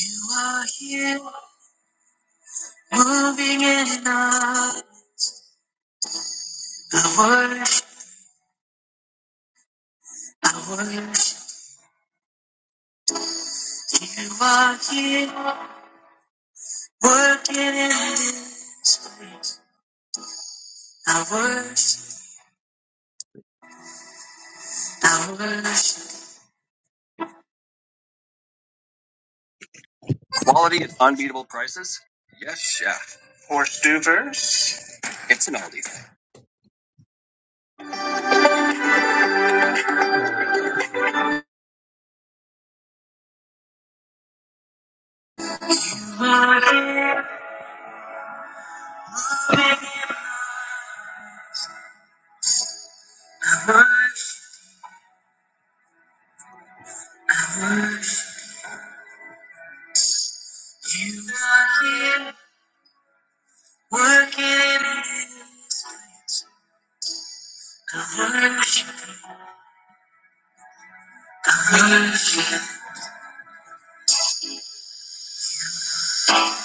You are here, moving in and out. I worship, I worship. You are here, working in this place. I worship, I worship. You are here, I worship. I worship. You are here, working in this. I worship, I worship.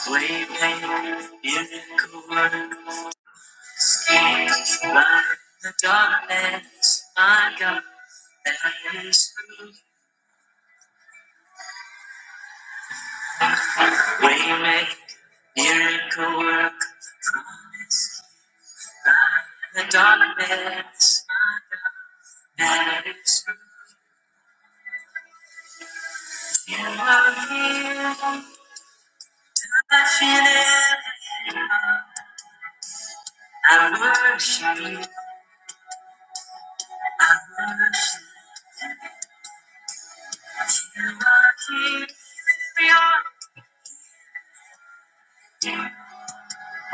Way maker, miracle worker. Light in the darkness, my God, that is true. Waymaker, miracle work, promise. Light in the darkness, my God, that is true. You are here, touching every heart. I worship you, I worship you. You are here, beyond.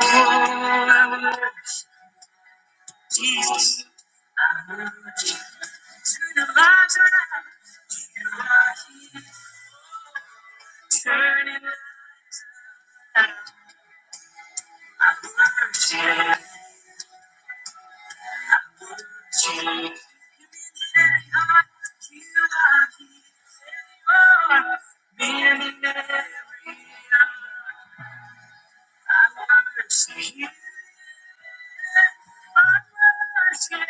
Oh, I worship Jesus. I worship Turn the lives around. You are here. Turning it around. Mercy. Every heart. You are here. Oh, Mending every heart. Mercy. Mercy.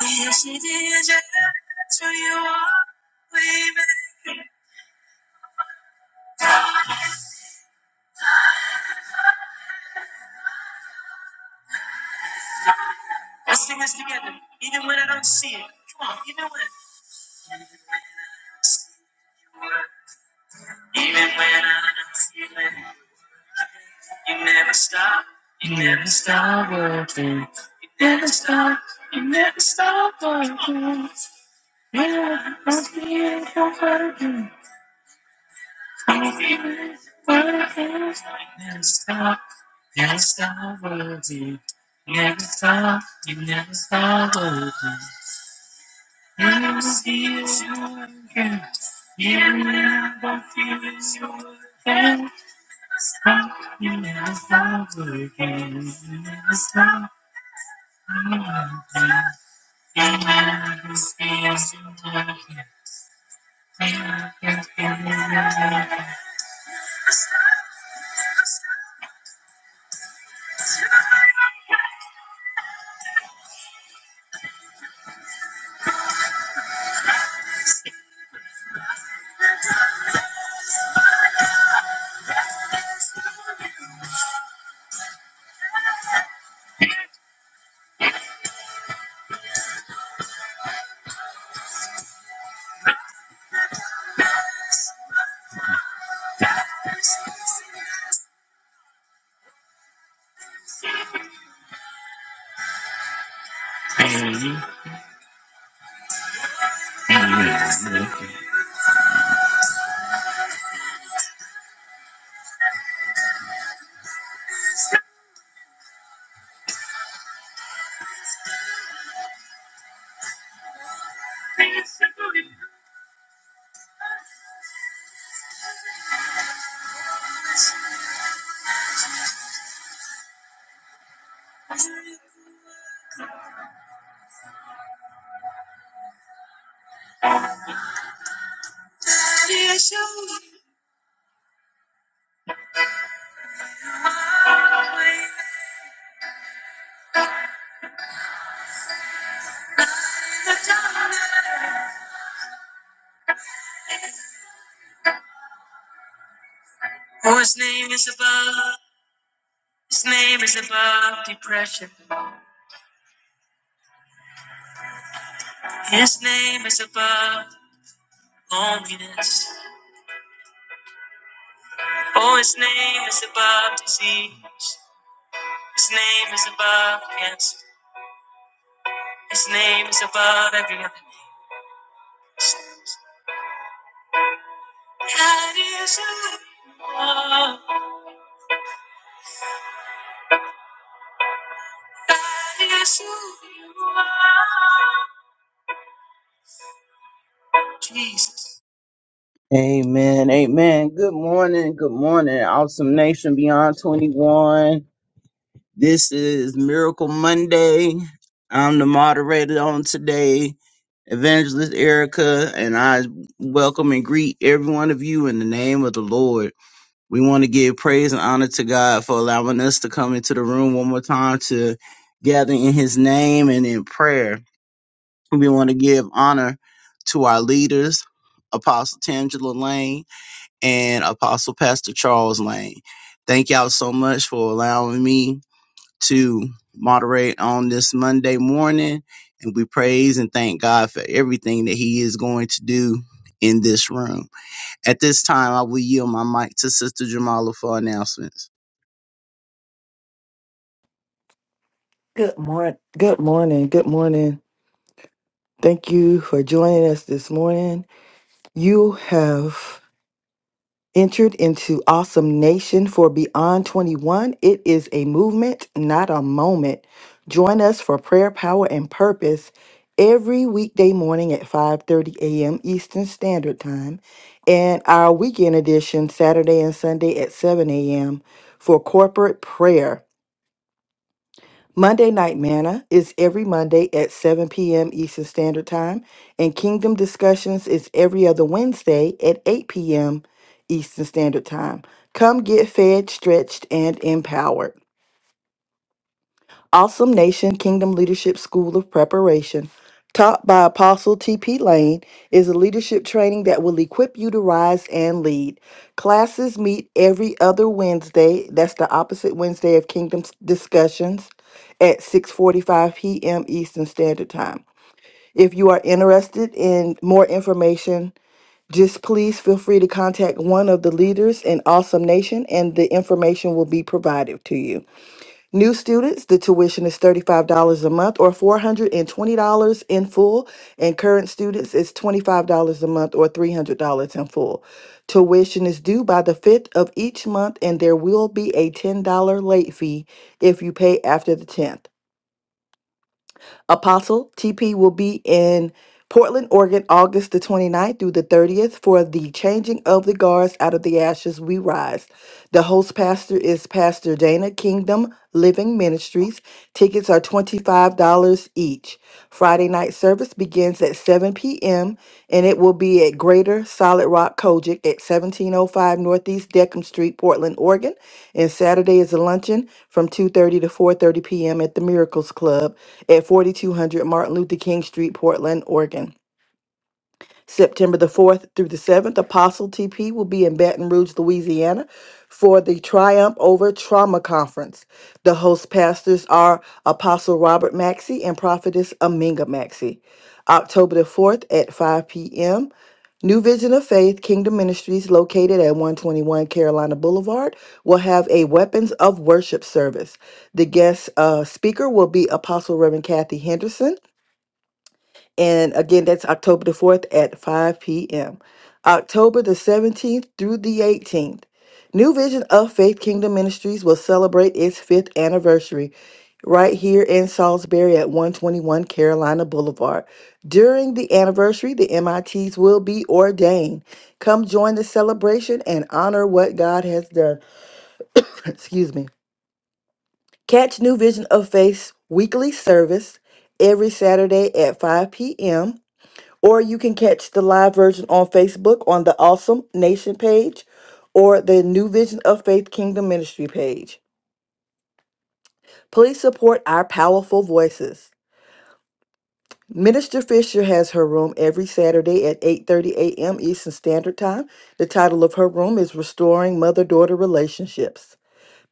Yes, it is. That's who you are. We make it. Let's sing this together. Even when I don't see it. Come on. Even when. Even when I don't see it. Even when i don't feel it, you never stop. You never stop working. You never stop. You never stop working. Yeah, I'm feeling working. I'm feeling working. You never stop. you Never stop working. You Never stop. You never stop working. You Never feel it, you're working. Yeah, I'm feeling working. You You You You never never never stop stop stop stop working. For his name is above, his name is above depression. His name is above loneliness. Oh, his name is above disease. His name is above cancer. His name is above every other name. That is who you are. That is who you are. Jesus. Amen. Amen. Good morning. Good morning. Awesome Nation Beyond 21. This is Miracle Monday. I'm the moderator on today, Evangelist Erica, and I welcome and greet every one of you in the name of the Lord. We want to give praise and honor to God for allowing us to come into the room one more time to gather in His name and in prayer. We want to give honor to our leaders, Apostle Tangela Lane and Apostle Pastor Charles Lane. Thank y'all so much for allowing me to moderate on this Monday morning. And we praise and thank God for everything that He is going to do in this room. At this time, I will yield my mic to Sister Jamala for announcements. Good morning. Good morning. Good morning. Thank you for joining us this morning. You have entered into Awesome Nation for Beyond 21. It is a movement, not a moment. Join us for prayer, power, and purpose every weekday morning at 5:30 a.m. Eastern Standard Time and our weekend edition Saturday and Sunday at 7 a.m. for corporate prayer. Monday Night Manna is every Monday at 7 p.m. Eastern Standard Time, and Kingdom Discussions is every other Wednesday at 8 p.m. Eastern Standard Time. Come get fed, stretched, and empowered. Awesome Nation Kingdom Leadership School of Preparation, taught by Apostle T.P. Lane, is a leadership training that will equip you to rise and lead. Classes meet every other Wednesday, that's the opposite Wednesday of Kingdom Discussions, at 6:45 p.m. Eastern Standard Time. If you are interested in more information, just please feel free to contact one of the leaders in Awesome Nation and the information will be provided to you. New students, the tuition is $35 a month or $420 in full, and current students is $25 a month or $300 in full. Tuition is due by the 5th of each month, and there will be a $10 late fee if you pay after the 10th. Apostle TP will be in Portland, Oregon, August the 29th through the 30th for the Changing of the Guards Out of the Ashes We Rise. The host pastor is Pastor Dana Kingdom Living Ministries. Tickets are $25 each. Friday night service begins at 7 p.m. and it will be at Greater Solid Rock Kojic at 1705 Northeast Deckham Street, Portland, Oregon. And Saturday is a luncheon from 2:30 to 4:30 p.m. at the Miracles Club at 4200 Martin Luther King Street, Portland, Oregon. September the 4th through the 7th, Apostle TP will be in Baton Rouge, Louisiana for the Triumph Over Trauma Conference. The host pastors are Apostle Robert Maxey and Prophetess Aminga Maxey. October the 4th at 5 p.m., New Vision of Faith Kingdom Ministries, located at 121 Carolina Boulevard, will have a Weapons of Worship service. The guest uh, speaker will be Apostle Reverend Kathy Henderson. And again, that's October the 4th at 5 p.m. October the 17th through the 18th, New Vision of Faith Kingdom Ministries will celebrate its fifth anniversary right here in Salisbury at 121 Carolina Boulevard. During the anniversary, the MITs will be ordained. Come join the celebration and honor what God has done. Excuse me. Catch New Vision of Faith's weekly service every Saturday at 5 p.m or you can catch the live version on Facebook on the Awesome Nation page or the New Vision of Faith Kingdom Ministry page. Please support our powerful voices. Minister Fisher has her room every Saturday at 8:30 a.m. Eastern Standard Time. The title of her room is Restoring Mother-Daughter Relationships.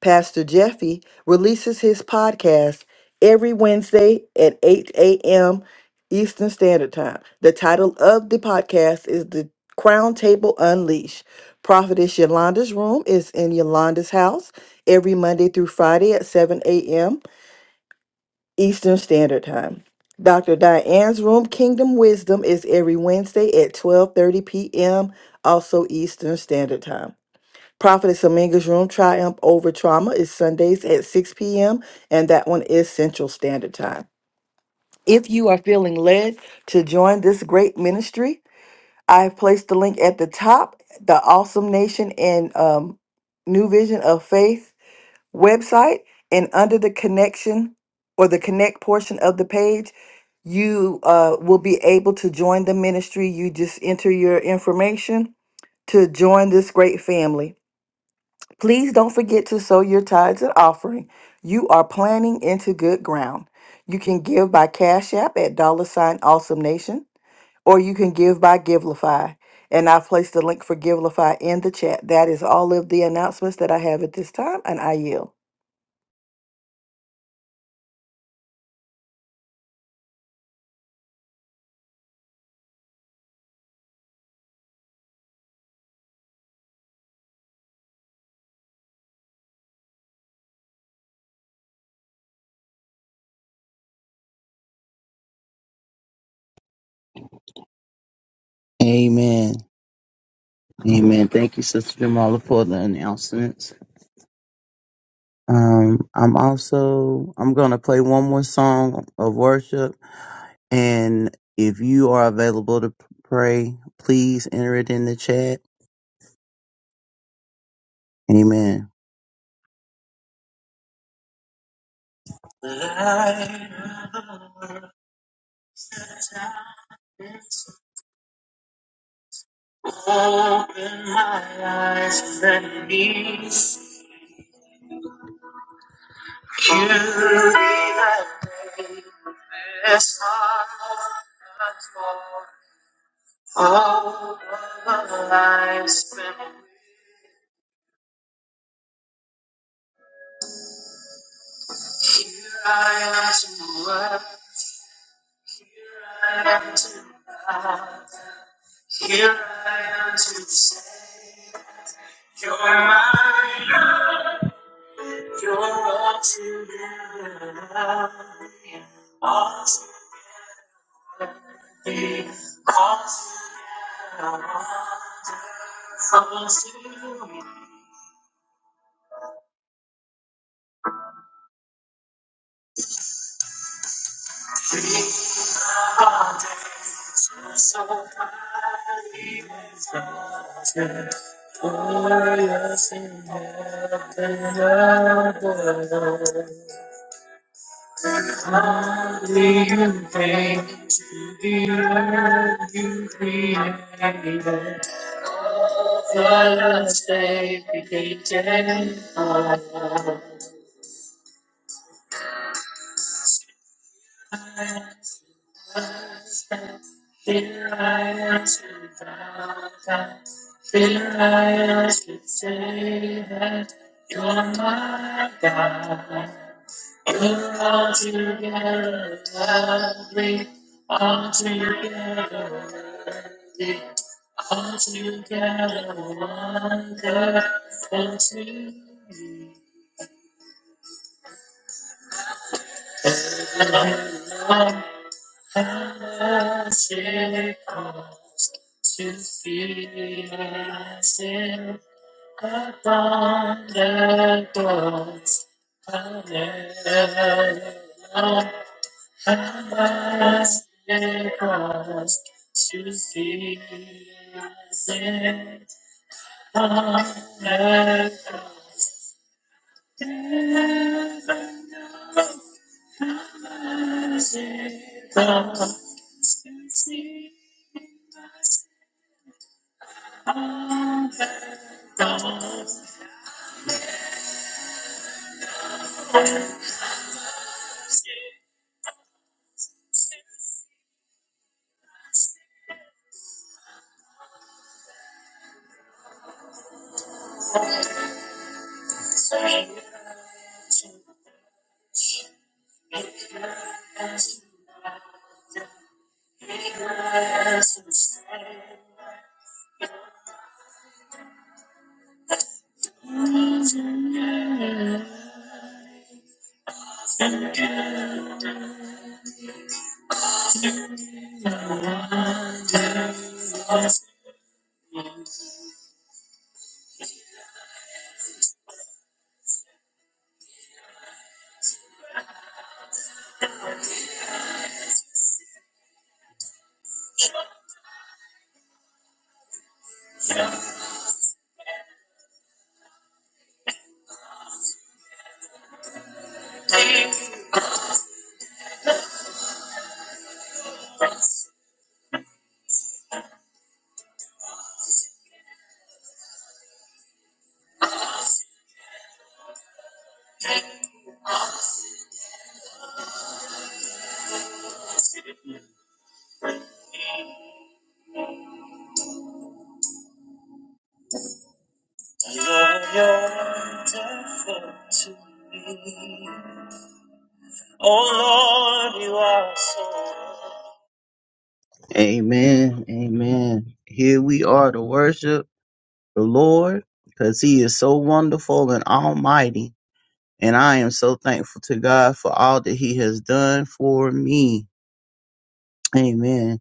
Pastor Jeffy releases his podcast every Wednesday at 8 a.m. Eastern Standard Time. The title of the podcast is The Crown Table Unleashed. Prophetess Yolanda's Room is in Yolanda's house every Monday through Friday at 7 a.m. Eastern Standard Time. Dr. Diane's Room, Kingdom Wisdom, is every Wednesday at 12:30 p.m., also Eastern Standard Time. Prophetess Aminga's Room Triumph Over Trauma is Sundays at 6 p.m., and that one is Central Standard Time. If you are feeling led to join this great ministry, I have placed the link at the top, the Awesome Nation and um, New Vision of Faith website, and under the connection or the connect portion of the page, you uh, will be able to join the ministry. You just enter your information to join this great family. Please don't forget to sow your tithes and offering. You are planting into good ground. You can give by Cash App at dollar sign awesome nation, or you can give by Givelify. And I've placed the link for Givelify in the chat. That is all of the announcements that I have at this time, and I yield. Amen. Amen. Thank you, Sister Jamala, for the announcements. Um, I'm also I'm gonna play one more song of worship, and if you are available to pray, please enter it in the chat. Amen. Light of the darkness, Open my eyes and knees. You be the greatest of the Lord. all of the lives spent. with you. Here I am to work. Here I am to love. Here I am to say, You're my love. You're all to love. All to be, all to love. Only you. came to the earth you created. All the last day became ten. Fear I ask you, God. Fear I ask you, say that you're my God. You're altogether lovely, altogether worthy, altogether wonderful to me. And I As it costs to feel as if upon the doors. Hallelujah. As it costs to feel as if upon the doors. Heaven knows as it costs. to feel Lord, you're wonderful to me. Oh Lord, you are so. Amen. Amen. Here we are to worship the Lord because he is so wonderful and almighty. And I am so thankful to God for all that he has done for me. Amen.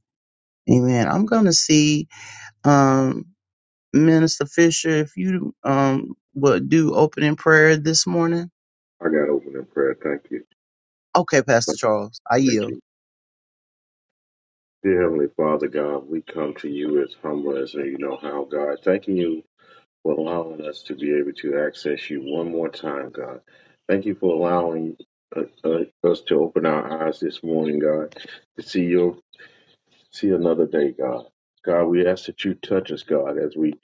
Amen. I'm going to see. um. Minister Fisher, if you um would do opening prayer this morning. I got open in prayer. Thank you. Okay, Pastor Charles, I Thank yield. you. Dear Heavenly Father God, we come to you as humble as you know how, God. Thanking you for allowing us to be able to access you one more time, God. Thank you for allowing uh, uh, us to open our eyes this morning, God, to see your see another day, God. God, we ask that you touch us, God, as we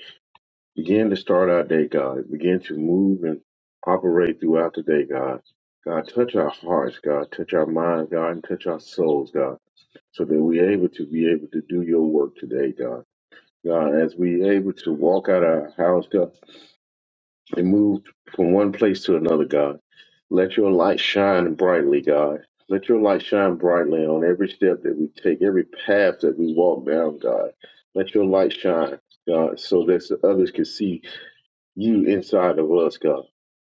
begin to start our day, God. Begin to move and operate throughout the day, God. God, touch our hearts, God. Touch our minds, God, and touch our souls, God. so that we're able to be able to do your work today, God. God, as we able to walk out our house, God, and move from one place to another, God, let your light shine brightly, God. Let your light shine brightly on every step that we take, every path that we walk down, God. Let your light shine, God, so that others can see you inside of us, God.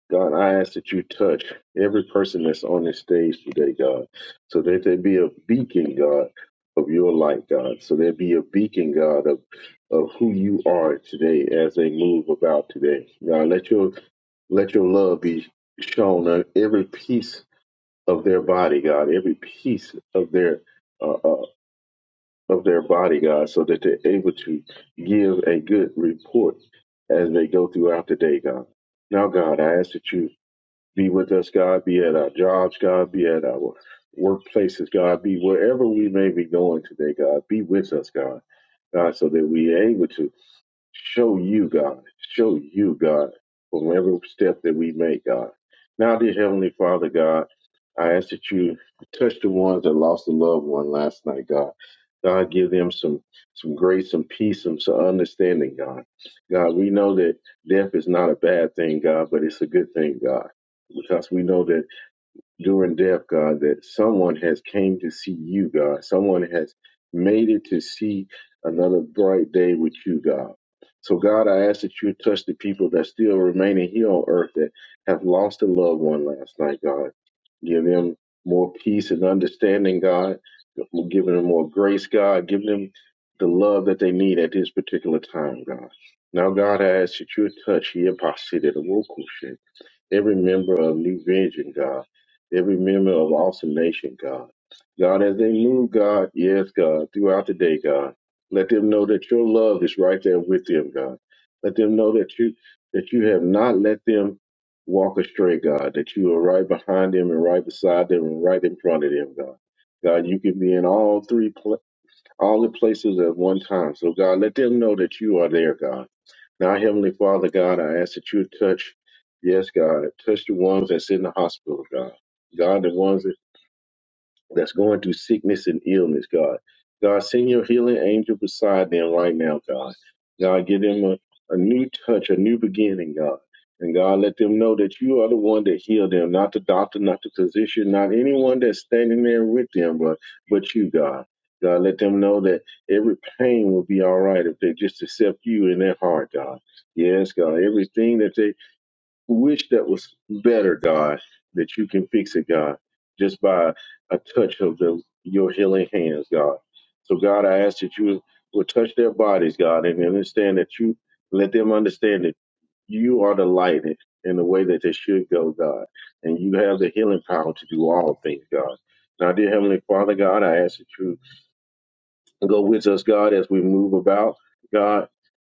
God, I ask that you touch every person that's on this stage today, God, so that they be a beacon, God, of your light, God. So they be a beacon, God, of of who you are today as they move about today. God, let your let your love be shown on every piece of their body, God, every piece of their uh. uh, of their body, God, so that they're able to give a good report as they go throughout the day, God. Now, God, I ask that you be with us, God, be at our jobs, God, be at our workplaces, God, be wherever we may be going today, God. Be with us, God, God, so that we are able to Show you, God. Show you, God, from every step that we make, God. Now, dear Heavenly Father, God, I ask that you touch the ones that lost a loved one last night, God. God, give them some some grace, some peace, some, some understanding, God. God, we know that death is not a bad thing, God, but it's a good thing, God, because we know that during death, God, that someone has came to see you, God. Someone has made it to see another bright day with you, God. So, God, I ask that you touch the people that still remaining here on earth that have lost a loved one last night, God. Give them more peace and understanding, God. Give them more grace, God. Give them the love that they need at this particular time, God. Now, God, I ask that you touch here, every member of New Vision, God, every member of Awesome Nation, God. God, as they move, God, yes, God, throughout the day, God, let them know that your love is right there with them, God. Let them know that you that you have not let them walk astray, God, that you are right behind them and right beside them and right in front of them, God. God, you can be in all three, pla all the places at one time. So, God, let them know that you are there, God. Now, Heavenly Father, God, I ask that you touch, yes, God, touch the ones that's in the hospital, God. God, the ones that that's going through sickness and illness, God. God, send your healing angel beside them right now, God. God, give them a, a new touch, a new beginning, God. And God, let them know that you are the one that healed them, not the doctor, not the physician, not anyone that's standing there with them, but, but you, God. God, let them know that every pain will be all right if they just accept you in their heart, God. Yes, God. Everything that they wish that was better, God, that you can fix it, God, just by a touch of the, your healing hands, God. So, God, I ask that you will touch their bodies, God, and understand that you let them understand that you are the light in the way that they should go, God, and you have the healing power to do all things, God. Now, dear Heavenly Father, God, I ask that you go with us, God, as we move about. God,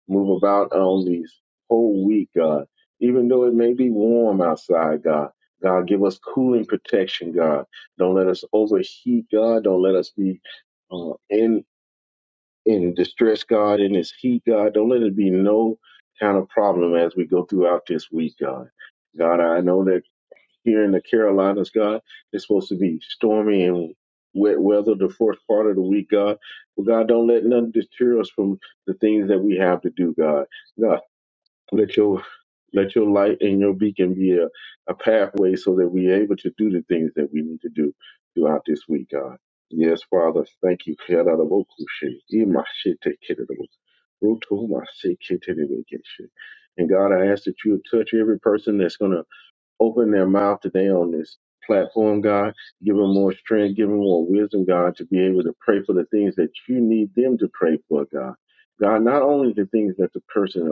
move about on these whole week, God. Even though it may be warm outside, God, God, give us cooling protection, God. Don't let us overheat, God. Don't let us be uh, in in distress, God. In this heat, God. Don't let it be no kind of problem as we go throughout this week, God. God, I know that here in the Carolinas, God, it's supposed to be stormy and wet weather the fourth part of the week, God. But God, don't let none deter us from the things that we have to do, God. God. Let your let your light and your beacon be a, a pathway so that we're able to do the things that we need to do throughout this week, God. Yes, Father, thank you. And God, I ask that you touch every person that's going to Open their mouth today on this platform, God. Give them more strength, give them more wisdom, God, to be able to pray for the things that you need them to pray for, God. God, not only the things that the person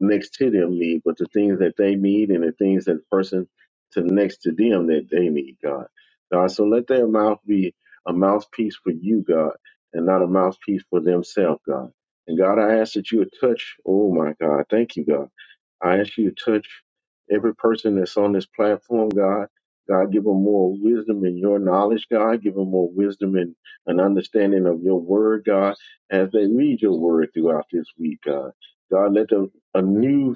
next to them need, but the things that they need and the things that the person to next to them that they need, God. God, so let their mouth be a mouthpiece for you, God, and not a mouthpiece for themselves, God. And God, I ask that you would touch, oh my God, thank you, God. I ask you to touch every person that's on this platform, God. God, give them more wisdom in your knowledge, God. Give them more wisdom and an understanding of your word, God, as they read your word throughout this week, God. God, let them anew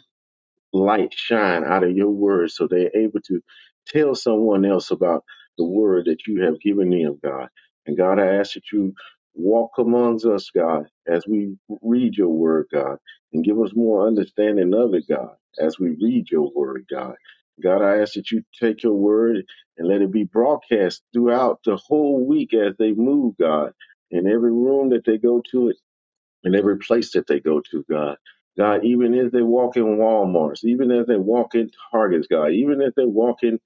light shine out of your word so they're able to tell someone else about the word that you have given them, God. And God, I ask that you walk amongst us, God, as we read your word, God, and give us more understanding of it, God, as we read your word, God. God, I ask that you take your word and let it be broadcast throughout the whole week as they move, God, in every room that they go to in every place that they go to, God. God, even as they walk in Walmarts, even as they walk in Targets, God, even as they walk in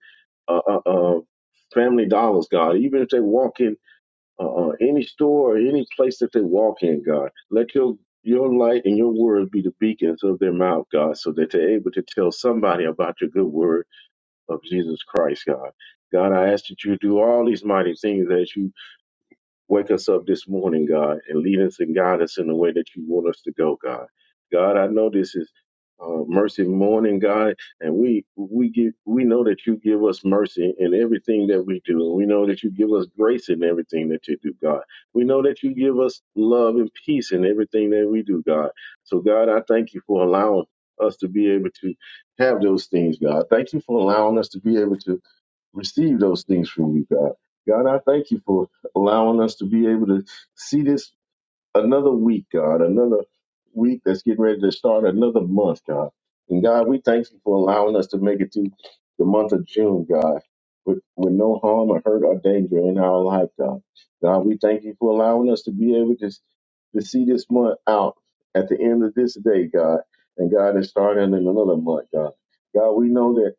uh, uh, uh, Family Dollars, God, even if they walk in uh, uh, any store or any place that they walk in, God, let your your light and your word be the beacons of their mouth, God, so that they're able to tell somebody about your good word of Jesus Christ, God. God, I ask that you do all these mighty things as you Wake us up this morning, God, and lead us and guide us in the way that you want us to go, God. God, I know this is uh, mercy morning, God, and we we give we know that you give us mercy in everything that we do, and we know that you give us grace in everything that you do, God. We know that you give us love and peace in everything that we do, God. So, God, I thank you for allowing us to be able to have those things, God. Thank you for allowing us to be able to receive those things from you, God. God, I thank you for allowing us to be able to see this another week, God, another week that's getting ready to start another month, God. And God, we thank you for allowing us to make it to the month of June, God, with, with no harm or hurt or danger in our life, God. God, we thank you for allowing us to be able to, to see this month out at the end of this day, God. And God, it's starting in another month, God. God, we know that.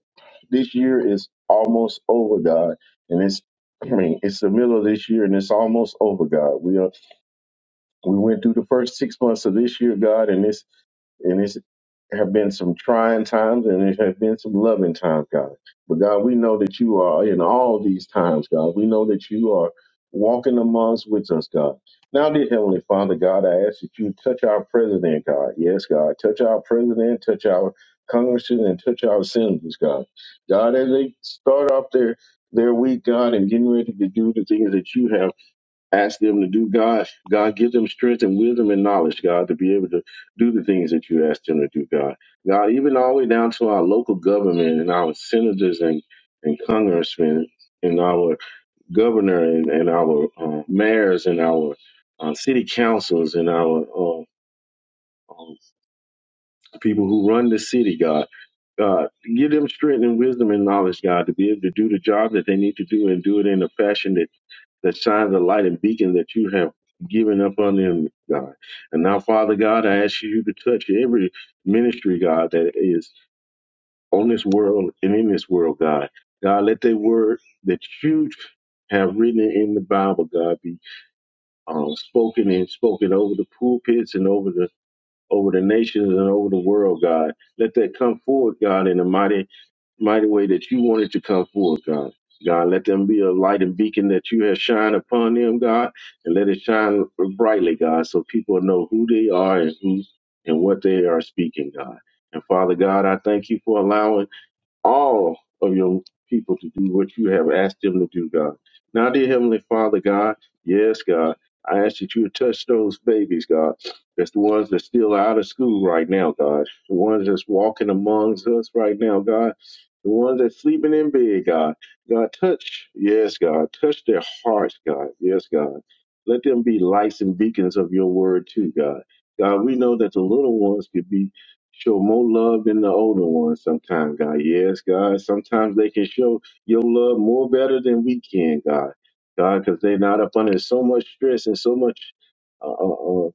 This year is almost over, God, and it's I mean it's the middle of this year and it's almost over, God. We are we went through the first six months of this year, God, and it's and it's have been some trying times and it have been some loving times, God. But God, we know that you are in all these times, God. We know that you are walking amongst with us, God. Now, dear Heavenly Father, God, I ask that you touch our president, God. Yes, God. Touch our president, touch our congressmen, and touch our senators, God. God, as they start off their their week, God, and getting ready to do the things that you have. Ask them to do God. God, give them strength and wisdom and knowledge, God, to be able to do the things that you ask them to do, God. God, even all the way down to our local government and our senators and, and congressmen and our governor and, and our uh, mayors and our uh, city councils and our uh, um, people who run the city, God. God, give them strength and wisdom and knowledge, God, to be able to do the job that they need to do and do it in a fashion that that shines the light and beacon that you have given up on them, God. And now, Father God, I ask you to touch every ministry, God, that is on this world and in this world, God. God, let the word that you have written in the Bible, God, be um, spoken and spoken over the pulpits and over the over the nations and over the world, God. Let that come forward, God, in the mighty mighty way that you wanted to come forth, God. God, let them be a light and beacon that you have shined upon them, God, and let it shine brightly, God, so people know who they are and who and what they are speaking, God. And Father God, I thank you for allowing all of your people to do what you have asked them to do, God. Now, dear Heavenly Father, God, yes, God, I ask that you would touch those babies, God. That's the ones that's still out of school right now, God. The ones that's walking amongst us right now, God. The ones that's sleeping in bed, God. God, touch, yes, God. Touch their hearts, God. Yes, God. Let them be lights and beacons of your word, too, God. God, we know that the little ones could be Show more love than the older ones sometimes, God. Yes, God. Sometimes they can show your love more better than we can, God. God, because they're not up under so much stress and so much. uh, uh, uh,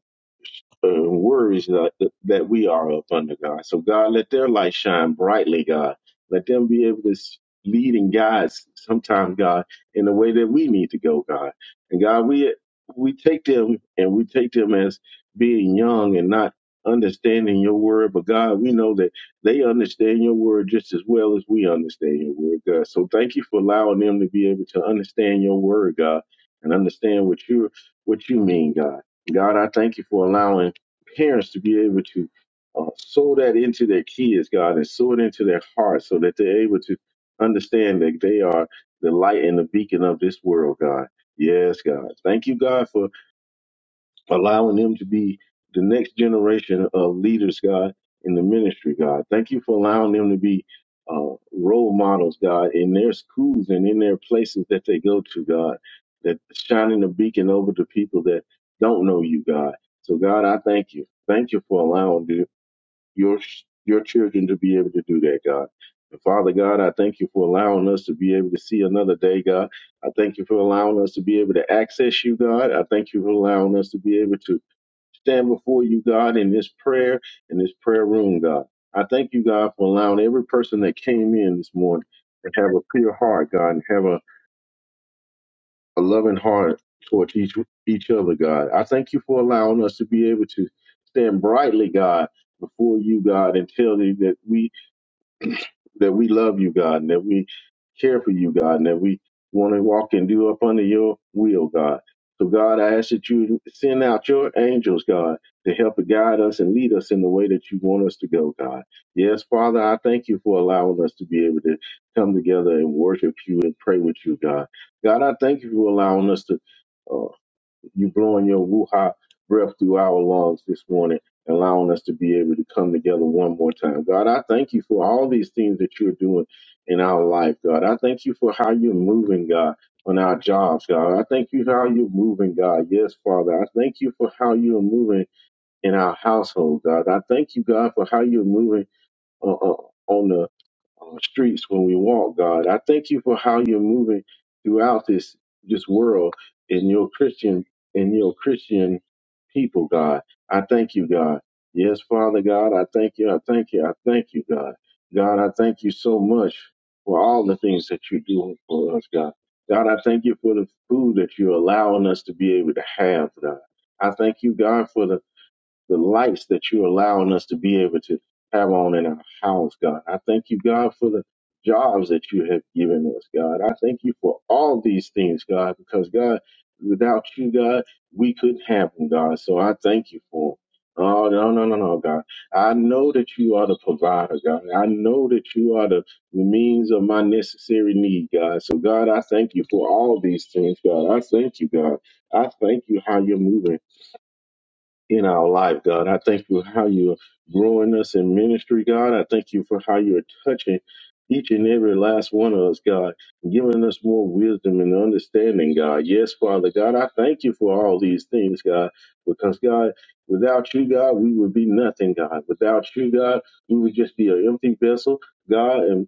uh, worries that, that we are of under God. So, God, let their light shine brightly, God. Let them be able to s- lead and guide sometimes, God, in the way that we need to go, God. And God, we we take them and we take them as being young and not understanding your word, but God, we know that they understand your word just as well as we understand your word, God. So thank you for allowing them to be able to understand your word, God, and understand what you what you mean, God. God, I thank you for allowing parents to be able to uh, sow that into their kids, God, and sow it into their hearts so that they're able to understand that they are the light and the beacon of this world, God. Yes, God. Thank you, God, for allowing them to be the next generation of leaders, God, in the ministry, God. Thank you for allowing them to be uh, role models, God, in their schools and in their places that they go to, God, that shining a beacon over to people that don't know you, God. So, God, I thank you. Thank you for allowing the, your your children to be able to do that, God. And Father God, I thank you for allowing us to be able to see another day, God. I thank you for allowing us to be able to access you, God. I thank you for allowing us to be able to stand before you, God, in this prayer, in this prayer room, God. I thank you, God, for allowing every person that came in this morning to have a pure heart, God, and have a, a loving heart towards each each other, God. I thank you for allowing us to be able to stand brightly, God, before you, God, and tell you that we that we love you, God, and that we care for you, God, and that we want to walk and do up under your will, God. So, God, I ask that you send out your angels, God, to help and guide us and lead us in the way that you want us to go, God. Yes, Father, I thank you for allowing us to be able to come together and worship you and pray with you, God. God, I thank you for allowing us to. uh, you blowing your wuha breath through our lungs this morning, allowing us to be able to come together one more time. God, I thank you for all these things that you're doing in our life, God. I thank you for how you're moving, God, on our jobs, God. I thank you for how you're moving, God. Yes, Father. I thank you for how you're moving in our household, God. I thank you, God, for how you're moving uh, uh, on the on the streets when we walk, God. I thank you for how you're moving throughout this this world in your Christian in your Christian people, God. I thank you, God. Yes, Father God, I thank you, I thank you, I thank you, God. God, I thank you so much for all the things that you're doing for us, God. God, I thank you for the food that you're allowing us to be able to have, God. I thank you, God, for the the lights that you're allowing us to be able to have on in our house, God. I thank you, God, for the jobs that you have given us, God. I thank you for all these things, God, because, God, without you, God, we couldn't have them, God. So I thank you for 'em. Oh, no, no, no, no, God. I know that you are the provider, God. I know that you are the means of my necessary need, God. So, God, I thank you for all these things, God. I thank you, God. I thank you how you're moving in our life, God. I thank you how you're growing us in ministry, God. I thank you for how you're touching each and every last one of us, God, and giving us more wisdom and understanding, God. Yes, Father God, I thank you for all these things, God, because God, without you, God, we would be nothing, God. Without you, God, we would just be an empty vessel, God, and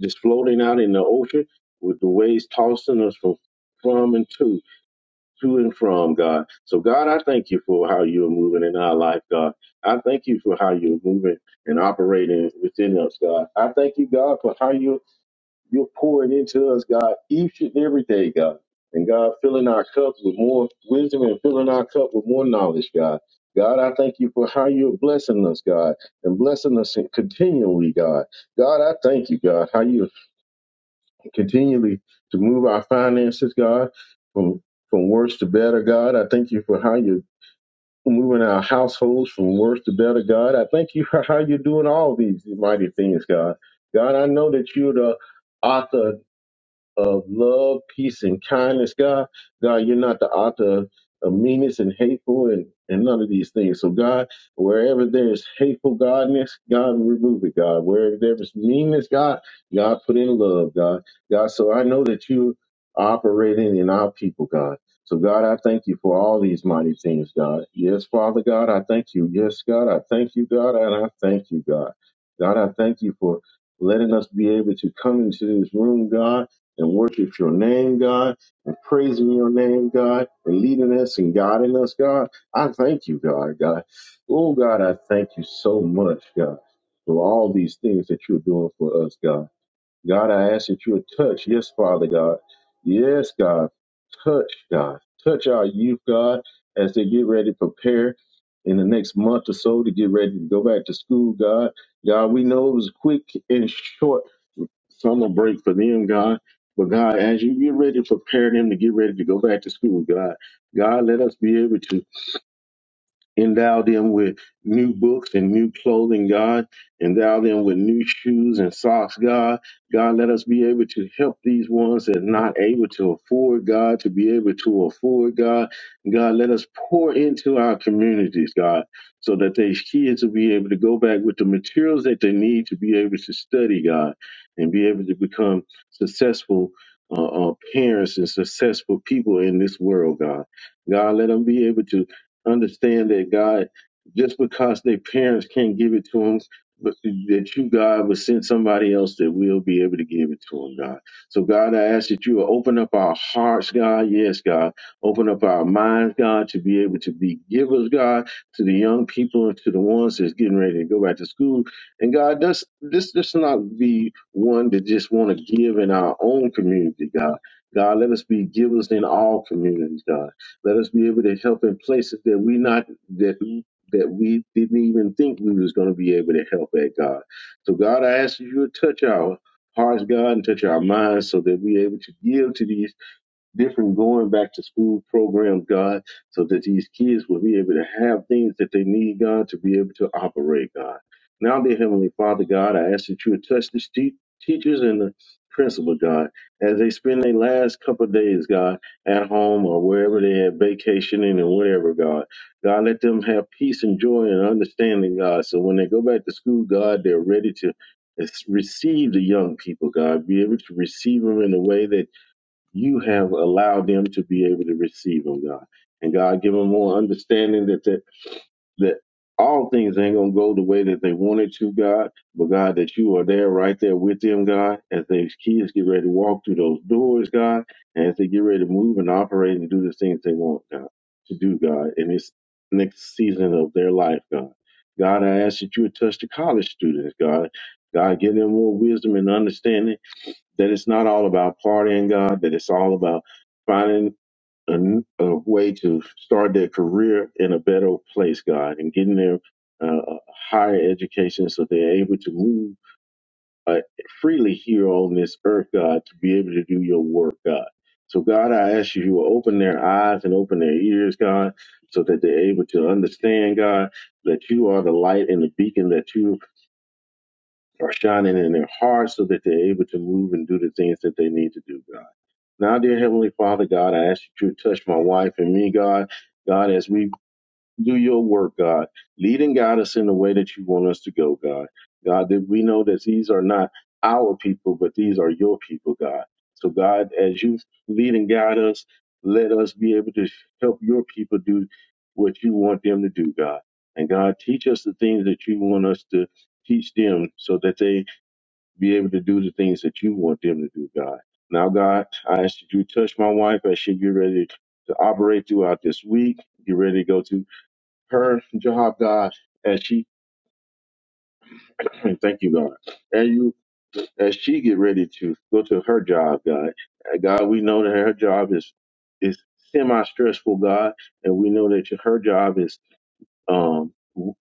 just floating out in the ocean with the waves tossing us from from and to to and from God. So God, I thank you for how you're moving in our life, God. I thank you for how you're moving and operating within us, God. I thank you, God, for how you you're pouring into us, God, each and every day, God. And God, filling our cup with more wisdom and filling our cup with more knowledge, God. God, I thank you for how you're blessing us, God, and blessing us continually, God. God, I thank you, God, how you continually to move our finances, God, from from worse to better, God. I thank you for how you're moving our households from worse to better, God. I thank you for how you're doing all these mighty things, God. God, I know that you're the author of love, peace, and kindness, God. God, you're not the author of of meanness and hateful and, and none of these things. So, God, wherever there's hateful godness, God, remove it, God. Wherever there's meanness, God, God, put in love, God. God, so I know that you are operating in our people, God. So, God, I thank you for all these mighty things, God. Yes, Father God, I thank you. Yes, God, I thank you, God, and I thank you, God. God, I thank you for letting us be able to come into this room, God and worship your name, God, and praise in your name, God, and leading us and guiding us, God. I thank you, God, God. Oh, God, I thank you so much, God, for all these things that you're doing for us, God. God, I ask that you would touch, yes, Father God. Yes, God, touch, God. Touch our youth, God, as they get ready to prepare in the next month or so to get ready to go back to school, God. God, we know it was quick and short summer break for them, God. But God, as you get ready to prepare them to get ready to go back to school, God, God, let us be able to endow them with new books and new clothing, God. Endow them with new shoes and socks, God. God, let us be able to help these ones that are not able to afford, God, to be able to afford, God. God, let us pour into our communities, God, so that these kids will be able to go back with the materials that they need to be able to study, God, and be able to become successful uh, uh, parents and successful people in this world, God. God, let them be able to understand that God, just because their parents can't give it to them, but that you, God, will send somebody else that will be able to give it to them, God. So, God, I ask that you will open up our hearts, God. Yes, God. Open up our minds, God, to be able to be givers, God, to the young people and to the ones that's getting ready to go back to school. And God, this this this not be one that just want to give in our own community, God. God, let us be givers in all communities, God. Let us be able to help in places that we not that we- that we didn't even think we was going to be able to help at God. So God, I ask you to touch our hearts, God, and touch our minds, so that we able to yield to these different going back to school programs, God, so that these kids will be able to have things that they need, God, to be able to operate, God. Now, dear Heavenly Father, God, I ask that you would touch the te- teachers and the principal, God, as they spend their last couple of days, God, at home or wherever they're vacationing and whatever, God. God, let them have peace and joy and understanding, God, so when they go back to school, God, they're ready to It's receive the young people, God, be able to receive them in a way that you have allowed them to be able to receive them, God. And God, give them more understanding that that, that all things ain't going to go the way that they wanted to, God, but God, that you are there right there with them, God, as these kids get ready to walk through those doors, God, and as they get ready to move and operate and do the things they want, God, to do, God, in this next season of their life, God. God, I ask that you would touch the college students, God. God, give them more wisdom and understanding that it's not all about partying God, that it's all about finding a, n- a way to start their career in a better place, God, and getting them uh, a higher education so they're able to move uh, freely here on this earth, God, to be able to do your work, God. So, God, I ask you, you will open their eyes and open their ears, God, so that they're able to understand, God, that you are the light and the beacon that you are shining in their hearts so that they're able to move and do the things that they need to do, God. Now, dear Heavenly Father, God, I ask you to touch my wife and me, God. God, as we do your work, God, lead and guide us in the way that you want us to go, God. God, that we know that these are not our people, but these are your people, God. So, God, as you lead and guide us, let us be able to help your people do what you want them to do, God. And God, teach us the things that you want us to teach them so that they be able to do the things that you want them to do, God. Now, God, I ask that you touch my wife as she get ready to operate throughout this week. Get ready to go to her job, God, as she thank you, God. And you as she get ready to go to her job, God. And God, we know that her job is is semi stressful, God, and we know that your- her job is um,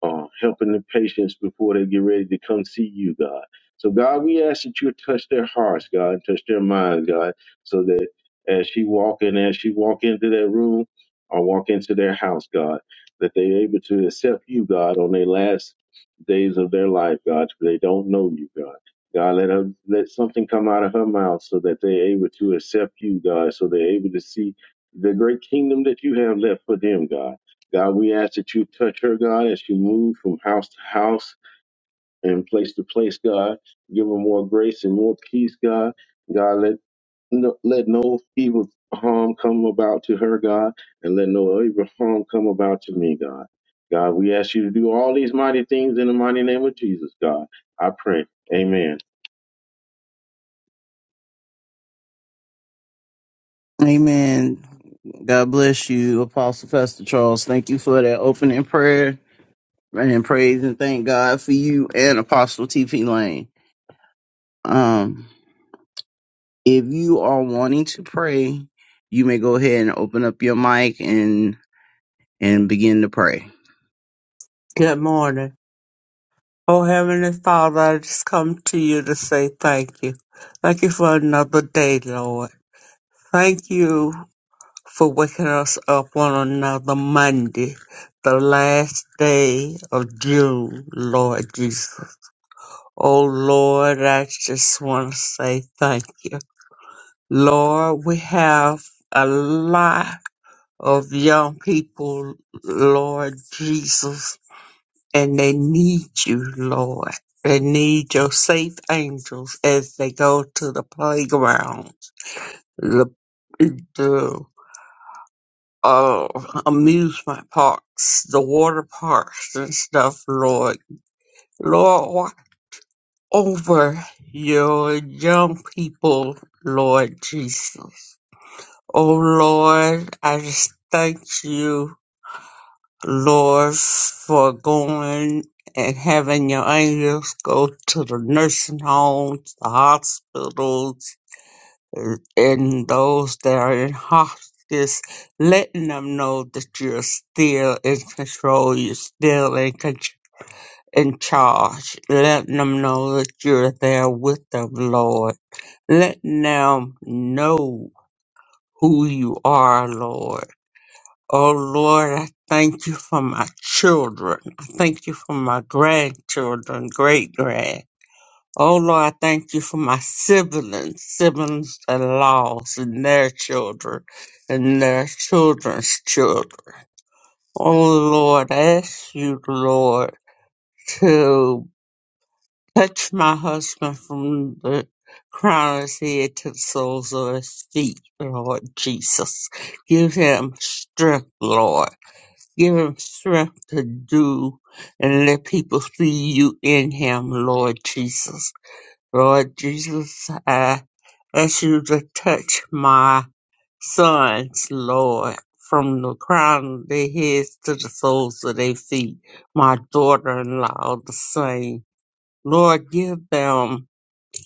uh, helping the patients before they get ready to come see you, God. So, God, we ask that you touch their hearts, God, and touch their minds, God, so that as she walk in, as she walk into that room or walk into their house, God, that they're able to accept you, God, on their last days of their life, God, because they don't know you, God. God, let her let something come out of her mouth so that they're able to accept you, God, so they're able to see the great kingdom that you have left for them, God. God, we ask that you touch her, God, as she moves from house to house and place to place, God. Give her more grace and more peace, God. God, let no, let no evil harm come about to her, God, and let no evil harm come about to me, God. God, we ask you to do all these mighty things in the mighty name of Jesus, God. I pray. Amen. Amen. God bless you, Apostle Pastor Charles. Thank you for that opening prayer and praise and thank God for you and Apostle TP Lane. Um, if you are wanting to pray, you may go ahead and open up your mic and and begin to pray. Good morning. Oh, Heavenly Father, I just come to you to say thank you. Thank you for another day, Lord. Thank you for waking us up on another Monday, the last day of June, Lord Jesus. Oh, Lord, I just want to say thank you. Lord, we have a lot of young people, Lord Jesus, and they need you, Lord. They need your safe angels as they go to the playgrounds, the, the uh, amusement parks, the water parks and stuff, Lord. Lord, watch over your young people, Lord Jesus. Oh, Lord, I just thank you Lord, for going and having your angels go to the nursing homes, the hospitals, and and those that are in hospice, letting them know that you're still in control, you're still in, con- in charge, letting them know that you're there with them, Lord, letting them know who you are, Lord Oh Lord, I thank you for my children. I thank you for my grandchildren, great grand. Oh Lord, I thank you for my siblings, siblings that are lost and their children and their children's children. Oh Lord, I ask you, Lord, to touch my husband from the crown of his head to the soles of his feet, Lord Jesus. Give him strength, Lord. Give him strength to do and let people see you in him, Lord Jesus. Lord Jesus, I ask you to touch my sons, Lord, from the crown of their heads to the soles of their feet. My daughter in law, the same. Lord, give them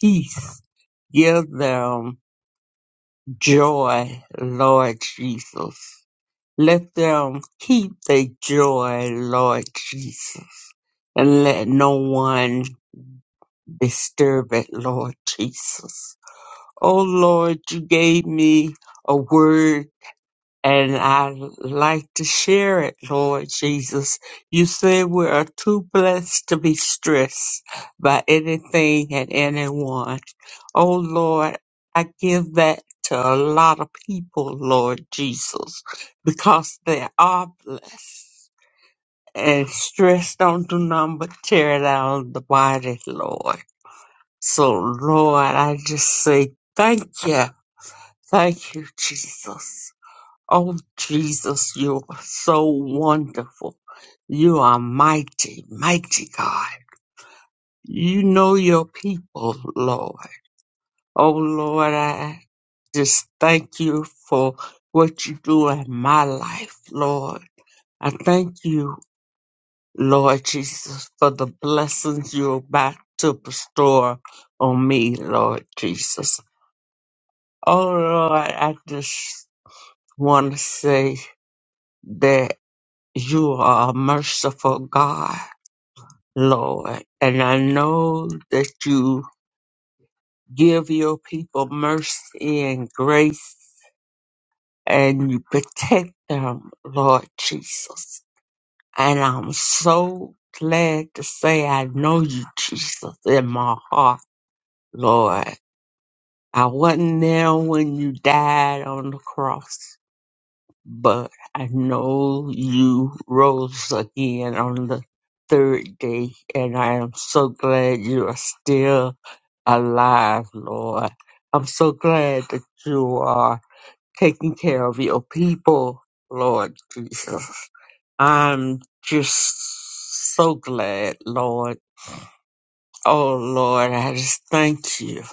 peace. Give them joy, Lord Jesus. Let them keep their joy, Lord Jesus, and let no one disturb it, Lord Jesus. Oh Lord, you gave me a word and I like to share it, Lord Jesus. You said we are too blessed to be stressed by anything and anyone. Oh Lord, I give that to a lot of people, Lord Jesus, because they are blessed. And stress don't do nothing but tear it out of the body, Lord. So, Lord, I just say thank you. Thank you, Jesus. Oh, Jesus, you are so wonderful. You are mighty, mighty God. You know your people, Lord. Oh, Lord, I just thank you for what you do in my life, Lord. I thank you Lord Jesus, for the blessings you're about to bestow on me, Lord Jesus. Oh, Lord, I just want to say that you are a merciful God, Lord. And I know that you give your people mercy and grace and you protect them, Lord Jesus. And I'm so glad to say I know you, Jesus, in my heart, Lord. I wasn't there when you died on the cross, but I know you rose again on the third day, and I am so glad you are still alive, Lord. I'm so glad that you are taking care of your people, Lord Jesus. I'm just so glad, Lord. Oh, Lord, I just thank you.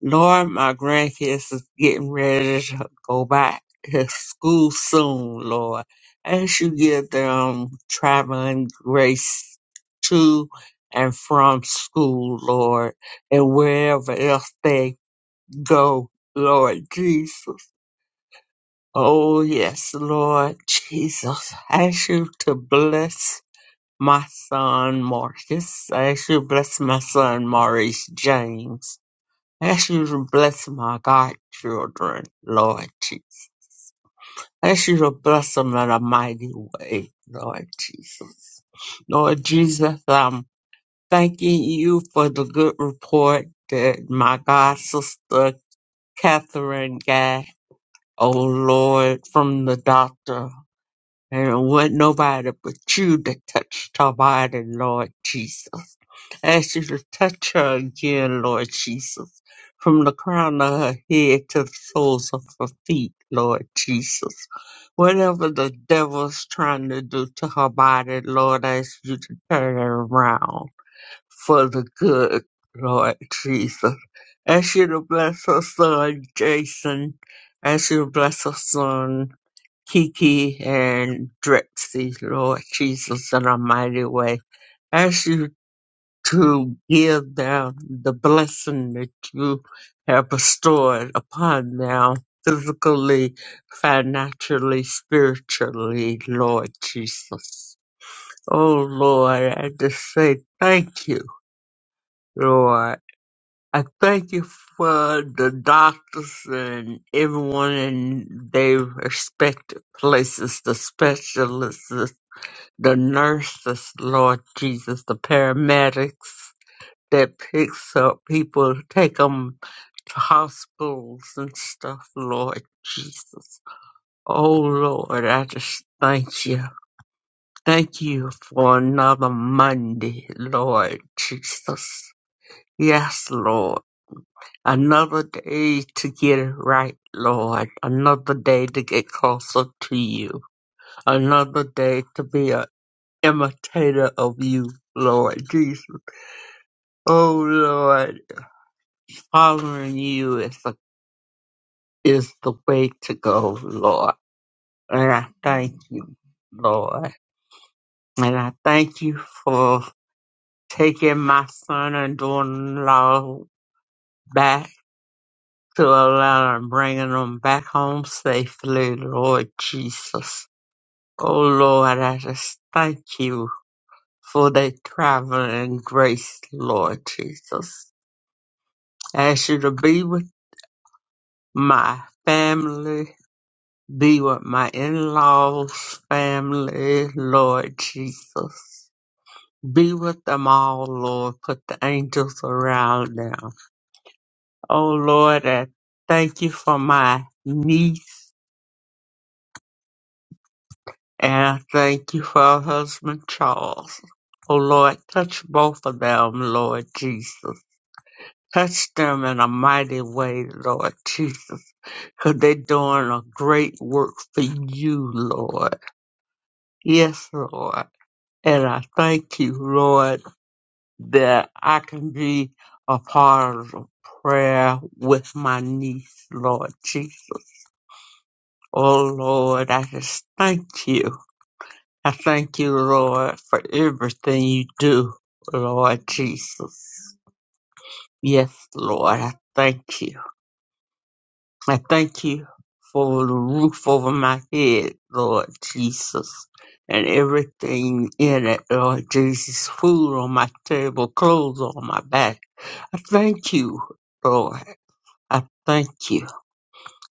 Lord, my grandkids is getting ready to go back to school soon, Lord. As you give them traveling grace to and from school, Lord, and wherever else they go, Lord Jesus. Oh, yes, Lord Jesus. Ask you to bless my son Marcus. Ask you to bless my son Maurice James. Ask you to bless my godchildren, Lord Jesus. Ask you to bless them in a mighty way, Lord Jesus. Lord Jesus, I'm thanking you for the good report that my god sister Catherine got, oh Lord, from the doctor. And it wasn't nobody but you that touched her body, Lord Jesus. ask you to touch her again, Lord Jesus, from the crown of her head to the soles of her feet, Lord Jesus. Whatever the devil's trying to do to her body, Lord, I ask you to turn it around for the good, Lord Jesus. Ask you to bless her son, Jason. Ask you to bless her son, Kiki and Drexy, Lord Jesus, in a mighty way. Ask you to give them the blessing that you have bestowed upon them physically, financially, spiritually, Lord Jesus. Oh Lord, I just say thank you, Lord. I thank you for the doctors and everyone in their respective places, the specialists, the nurses, Lord Jesus, the paramedics, that picks up people, take them to hospitals and stuff, Lord Jesus. Oh, Lord, I just thank you. Thank you for another Monday, Lord Jesus. Yes, Lord. Another day to get it right, Lord. Another day to get closer to you. Another day to be an imitator of you, Lord Jesus. Oh, Lord following you. is is the way to go, Lord. And I thank you, Lord. And I thank you for taking my son and daughter law back to Atlanta and bringing them back home safely, Lord Jesus. Oh, Lord, I just thank you for their traveling grace, Lord Jesus. I ask you to be with my family Be with my in-laws, family, Lord Jesus. Be with them all, Lord. Put the angels around them. Oh, Lord, I thank you for my niece and I thank you for her husband, Charles. Oh, Lord, touch both of them, Lord Jesus. Touch them in a mighty way, Lord Jesus, because they're doing a great work for you, Lord. Yes, Lord. And I thank you, Lord, that I can be a part of the prayer with my niece, Lord Jesus. Oh, Lord, I just thank you. I thank you, Lord, for everything you do, Lord Jesus. Yes, Lord, I thank you. I thank you for the roof over my head, Lord Jesus and everything in it, Lord Jesus. Food on my table, clothes on my back, I thank you, Lord. I thank you.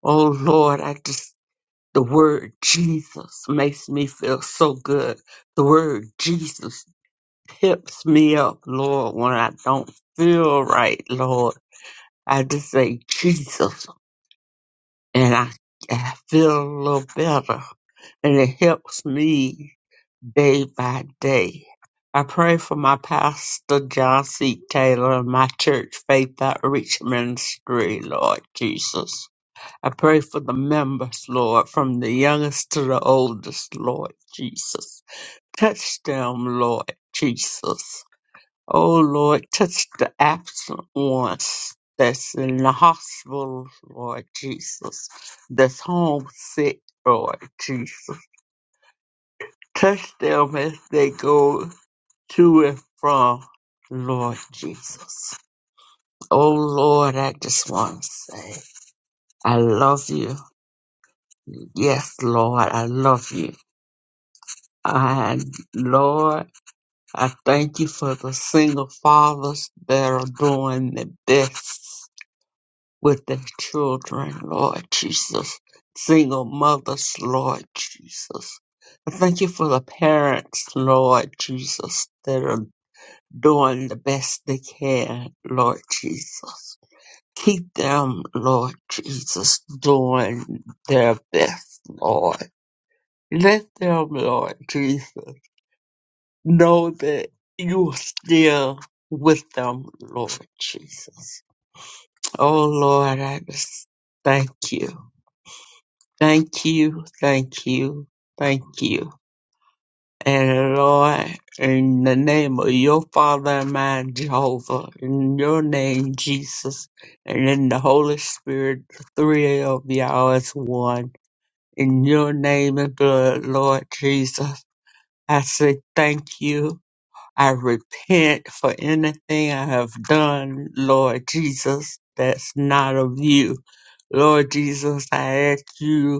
Oh, Lord, I just, the word Jesus makes me feel so good. The word Jesus pimps me up, Lord, when I don't feel right, Lord. I just say Jesus and I, I feel a little better. and it helps me day by day. I pray for my pastor, John C. Taylor, and my church, Faith Outreach Ministry, Lord Jesus. I pray for the members, Lord, from the youngest to the oldest, Lord Jesus. Touch them, Lord Jesus. Oh, Lord, touch the absent ones that's in the hospital, Lord Jesus, that's homesick, Lord Jesus. Touch them as they go to and from, Lord Jesus. Oh Lord, I just want to say, I love you. Yes, Lord, I love you. And Lord, I thank you for the single fathers that are doing the best with their children, Lord Jesus. Single mothers, Lord Jesus. I thank you for the parents, Lord Jesus, that are doing the best they can, Lord Jesus. Keep them, Lord Jesus, doing their best, Lord. Let them, Lord Jesus, know that you're still with them, Lord Jesus. Oh, Lord, I just thank you. Thank you, thank you, thank you. And Lord, in the name of your Father and mine, Jehovah, in your name, Jesus, and in the Holy Spirit, the three of y'all is one. In your name and blood, Lord Jesus, I say thank you. I repent for anything I have done, Lord Jesus, that's not of you. Lord Jesus, I ask you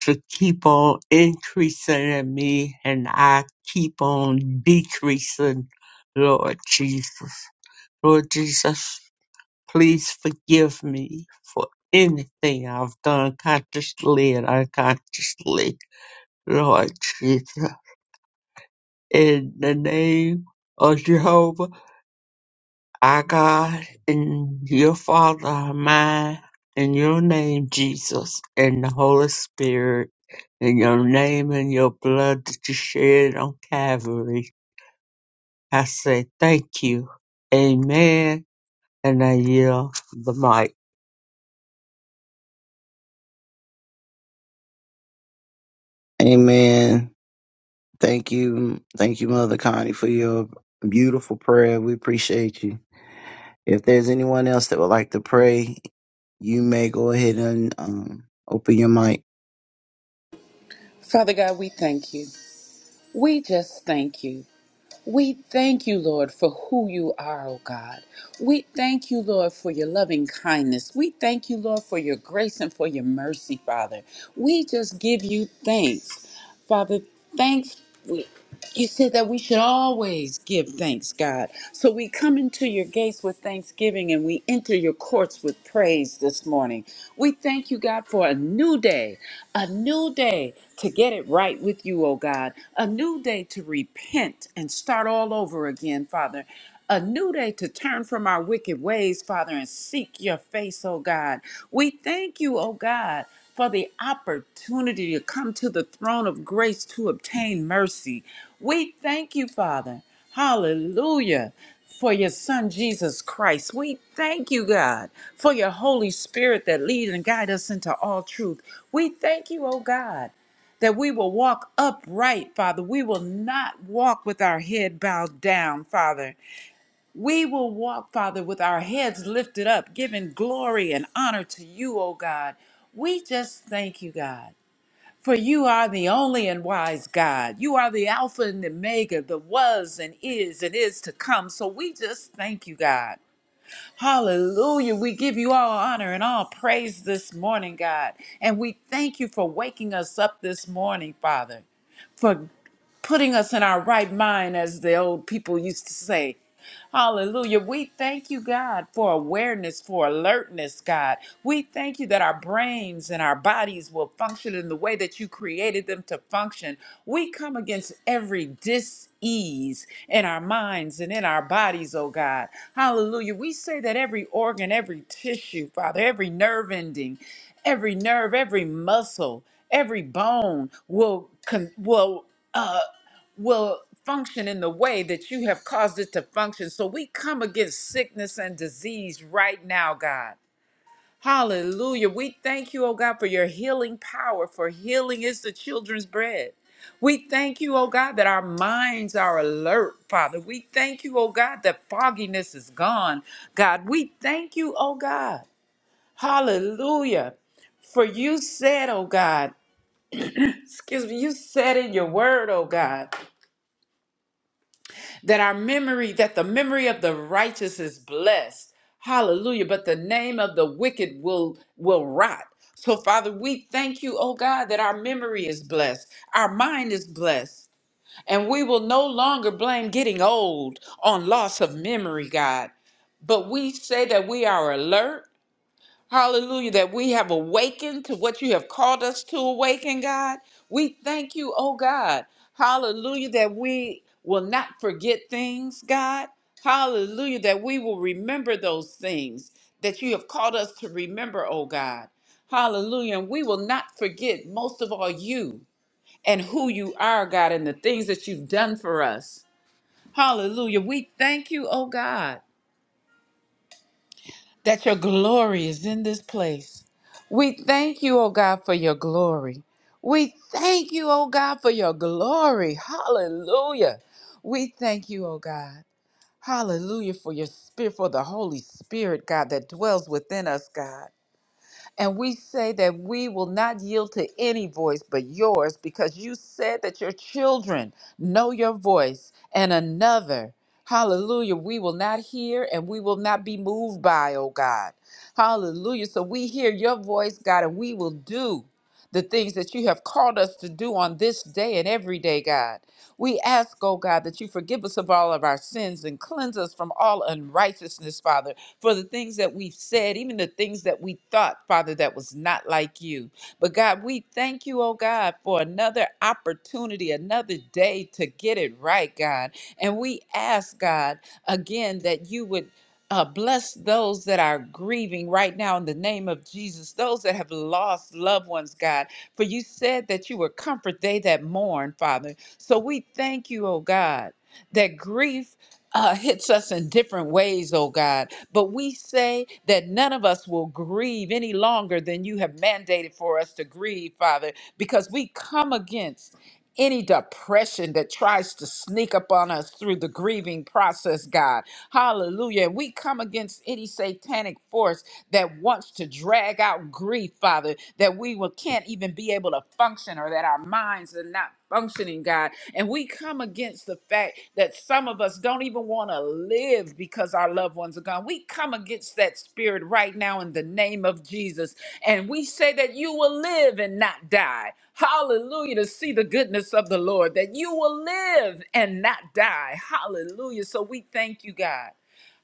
to keep on increasing in me and I keep on decreasing, Lord Jesus. Lord Jesus, please forgive me for anything I've done consciously and unconsciously, Lord Jesus. In the name of Jehovah, our God, and your Father, our mine, in your name, Jesus, and the Holy Spirit. in your name and your blood that you shed on Calvary. I say thank you. Amen. And I yield the mic. Amen. Thank you. Thank you, Mother Connie, for your beautiful prayer. We appreciate you. If there's anyone else that would like to pray, you may go ahead and um, open your mic. Father God, we thank you. We just thank you. We thank you, Lord, for who you are, oh God. We thank you, Lord, for your loving kindness. We thank you, Lord, for your grace and for your mercy, Father. We just give you thanks. Father, thanks. We, you said that we should always give thanks, God. So we come into your gates with thanksgiving and we enter your courts with praise this morning. We thank you, God, for a new day a new day to get it right with you, oh God, a new day to repent and start all over again, Father. A new day to turn from our wicked ways, Father, and seek your face, oh God. We thank you, oh God, for the opportunity to come to the throne of grace to obtain mercy. We thank you, Father. Hallelujah. For your son Jesus Christ. We thank you, God, for your Holy Spirit that leads and guides us into all truth. We thank you, oh God, that we will walk upright, Father. We will not walk with our head bowed down, Father. We will walk, Father, with our heads lifted up, giving glory and honor to you, oh God. We just thank you, God. For you are the only and wise God. You are the Alpha and the Omega, the was and is and is to come. So we just thank you, God. Hallelujah. We give you all honor and all praise this morning, God. And we thank you for waking us up this morning, Father, for putting us in our right mind, as the old people used to say. Hallelujah. We thank you, God, for awareness, for alertness, God. We thank you that our brains and our bodies will function in the way that you created them to function. We come against every dis ease in our minds and in our bodies, oh God. Hallelujah. We say that every organ, every tissue, Father, every nerve ending, every nerve, every muscle, every bone will con- will. uh, will function in the way that you have caused it to function. So we come against sickness and disease right now, God. Hallelujah. We thank you, oh God, for your healing power, for healing is the children's bread. We thank you, oh God, that our minds are alert, Father. We thank you, oh God, that fogginess is gone, God. We thank you, oh God. Hallelujah. For you said, oh God, excuse me, you said in your word, oh God. that our memory, that the memory of the righteous is blessed. Hallelujah. But the name of the wicked will will rot. So, Father, we thank you, oh God, that our memory is blessed, our mind is blessed, and we will no longer blame getting old on loss of memory, God. But we say that we are alert, Hallelujah, that we have awakened to what you have called us to awaken, God. We thank you, oh God. Hallelujah, that we will not forget things, God. Hallelujah, that we will remember those things that you have called us to remember, oh God. Hallelujah, and we will not forget, most of all, you and who you are, God, and the things that you've done for us. Hallelujah, we thank you, oh God that your glory is in this place. We thank you, oh God, for your glory. We thank you, oh God, for your glory. Hallelujah. We thank you, oh God. Hallelujah for your spirit, for the Holy Spirit, God, that dwells within us, God. And we say that we will not yield to any voice but yours because you said that your children know your voice and another. Hallelujah. We will not hear and we will not be moved by, oh God. Hallelujah. So we hear your voice, God, and we will do the things that you have called us to do on this day and every day, God. We ask, oh God, that you forgive us of all of our sins and cleanse us from all unrighteousness, Father for the things that we've said, even the things that we thought, Father, that was not like you. But God, we thank you, oh God, for another opportunity, another day to get it right, God. And we ask, God, again, that you would. Uh, bless those that are grieving right now in the name of Jesus, those that have lost loved ones, God. For you said that you would comfort they that mourn, Father. So we thank you, oh God, that grief uh, hits us in different ways, oh God. But we say that none of us will grieve any longer than you have mandated for us to grieve, Father, because we come against any depression that tries to sneak up on us through the grieving process, God. Hallelujah. And we come against any satanic force that wants to drag out grief, Father, that we will, can't even be able to function or that our minds are not functioning, God. And we come against the fact that some of us don't even want to live because our loved ones are gone. We come against that spirit right now in the name of Jesus. And we say that you will live and not die. Hallelujah. To see the goodness of the Lord, that you will live and not die. Hallelujah. So we thank you, God.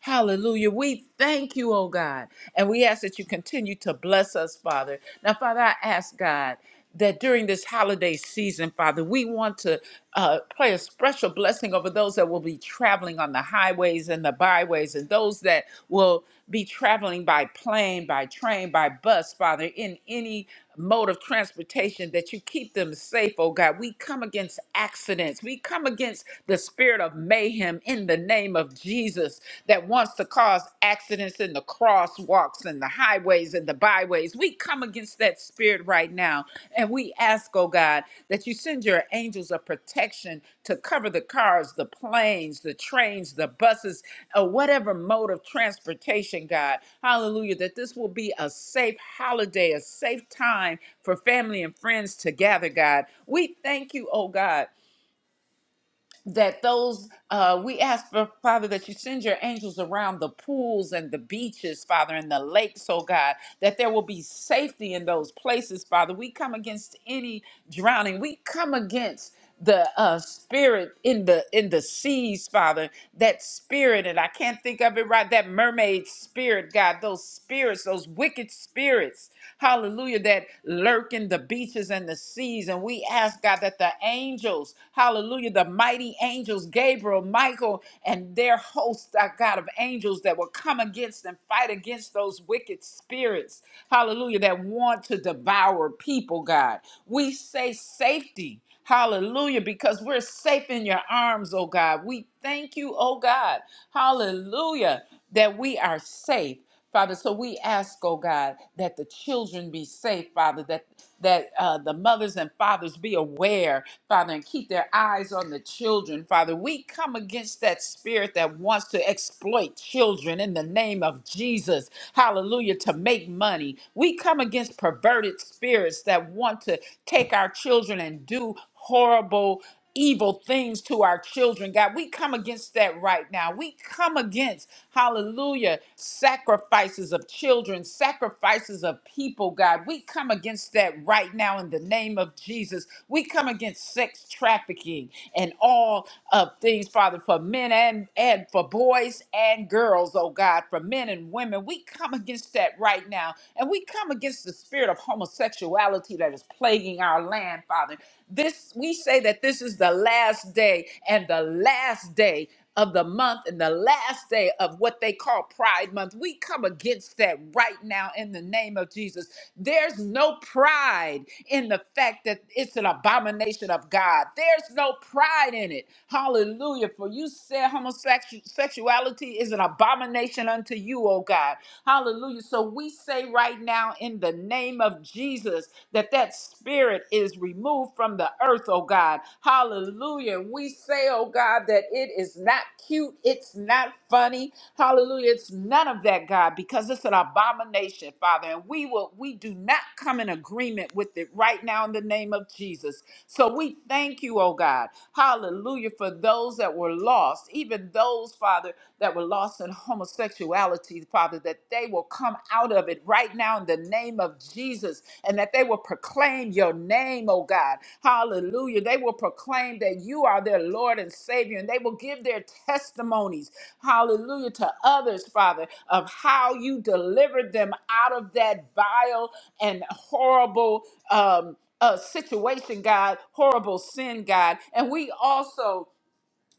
Hallelujah. We thank you, oh God. And we ask that you continue to bless us, Father. Now, Father, I ask God that during this holiday season, Father, we want to uh, pray a special blessing over those that will be traveling on the highways and the byways and those that will be traveling by plane, by train, by bus, Father, in any mode of transportation, that you keep them safe, oh God. We come against accidents. We come against the spirit of mayhem in the name of Jesus that wants to cause accidents in the crosswalks and the highways and the byways. We come against that spirit spirit right now. And we ask, oh God, that you send your angels of protection to cover the cars, the planes, the trains, the buses, or whatever mode of transportation, God. Hallelujah. That this will be a safe holiday, a safe time for family and friends to gather, God. We thank you, oh God that those uh, we ask for father that you send your angels around the pools and the beaches father and the lakes oh god that there will be safety in those places father we come against any drowning we come against the uh, spirit in the in the seas father that spirit and i can't think of it right that mermaid spirit god those spirits those wicked spirits hallelujah that lurk in the in the beaches and the seas. And we ask, God, that the angels, hallelujah, the mighty angels, Gabriel, Michael, and their host, our God of angels, that will come against and fight against those wicked spirits, hallelujah, that want to devour people, God. We say safety. Hallelujah, because we're safe in your arms, oh God. We thank you, oh God. Hallelujah, that we are safe. Father, so we ask, oh God, that the children be safe, Father, that that uh, the mothers and fathers be aware, Father, and keep their eyes on the children, Father. We come against that spirit that wants to exploit children in the name of Jesus, hallelujah, to make money. We come against perverted spirits that want to take our children and do horrible evil things to our children, God. We come against that right now. We come against, hallelujah, sacrifices of children, sacrifices of people, God. We come against that right now in the name of Jesus. We come against sex trafficking and all of things, Father, for men and, and for boys and girls, oh God, for men and women. We come against that right now. And we come against the spirit of homosexuality sexuality that is plaguing our land, Father. This we say that this is the last day and the last day of the month and the last day of what they call Pride Month. We come against that right now in the name of Jesus. There's no pride in the fact that it's an abomination of God. There's no pride in it. Hallelujah. For you said homosexuality is an abomination unto you, oh God. Hallelujah. So we say right now in the name of Jesus that that spirit is removed from the earth, oh God. Hallelujah. We say, oh God, that it is not cute. It's not funny. Hallelujah. It's none of that, God, because it's an abomination, Father. And we will we do not come in agreement with it right now in the name of Jesus. So we thank you, oh God. Hallelujah for those that were lost, even those, Father, that were lost in homosexuality, Father, that they will come out of it right now in the name of Jesus and that they will proclaim your name, oh God. Hallelujah. They will proclaim that you are their Lord and Savior and they will give their testimonies, hallelujah, to others, Father, of how you delivered them out of that vile and horrible. Um, uh, situation, God, horrible sin, God. And we also,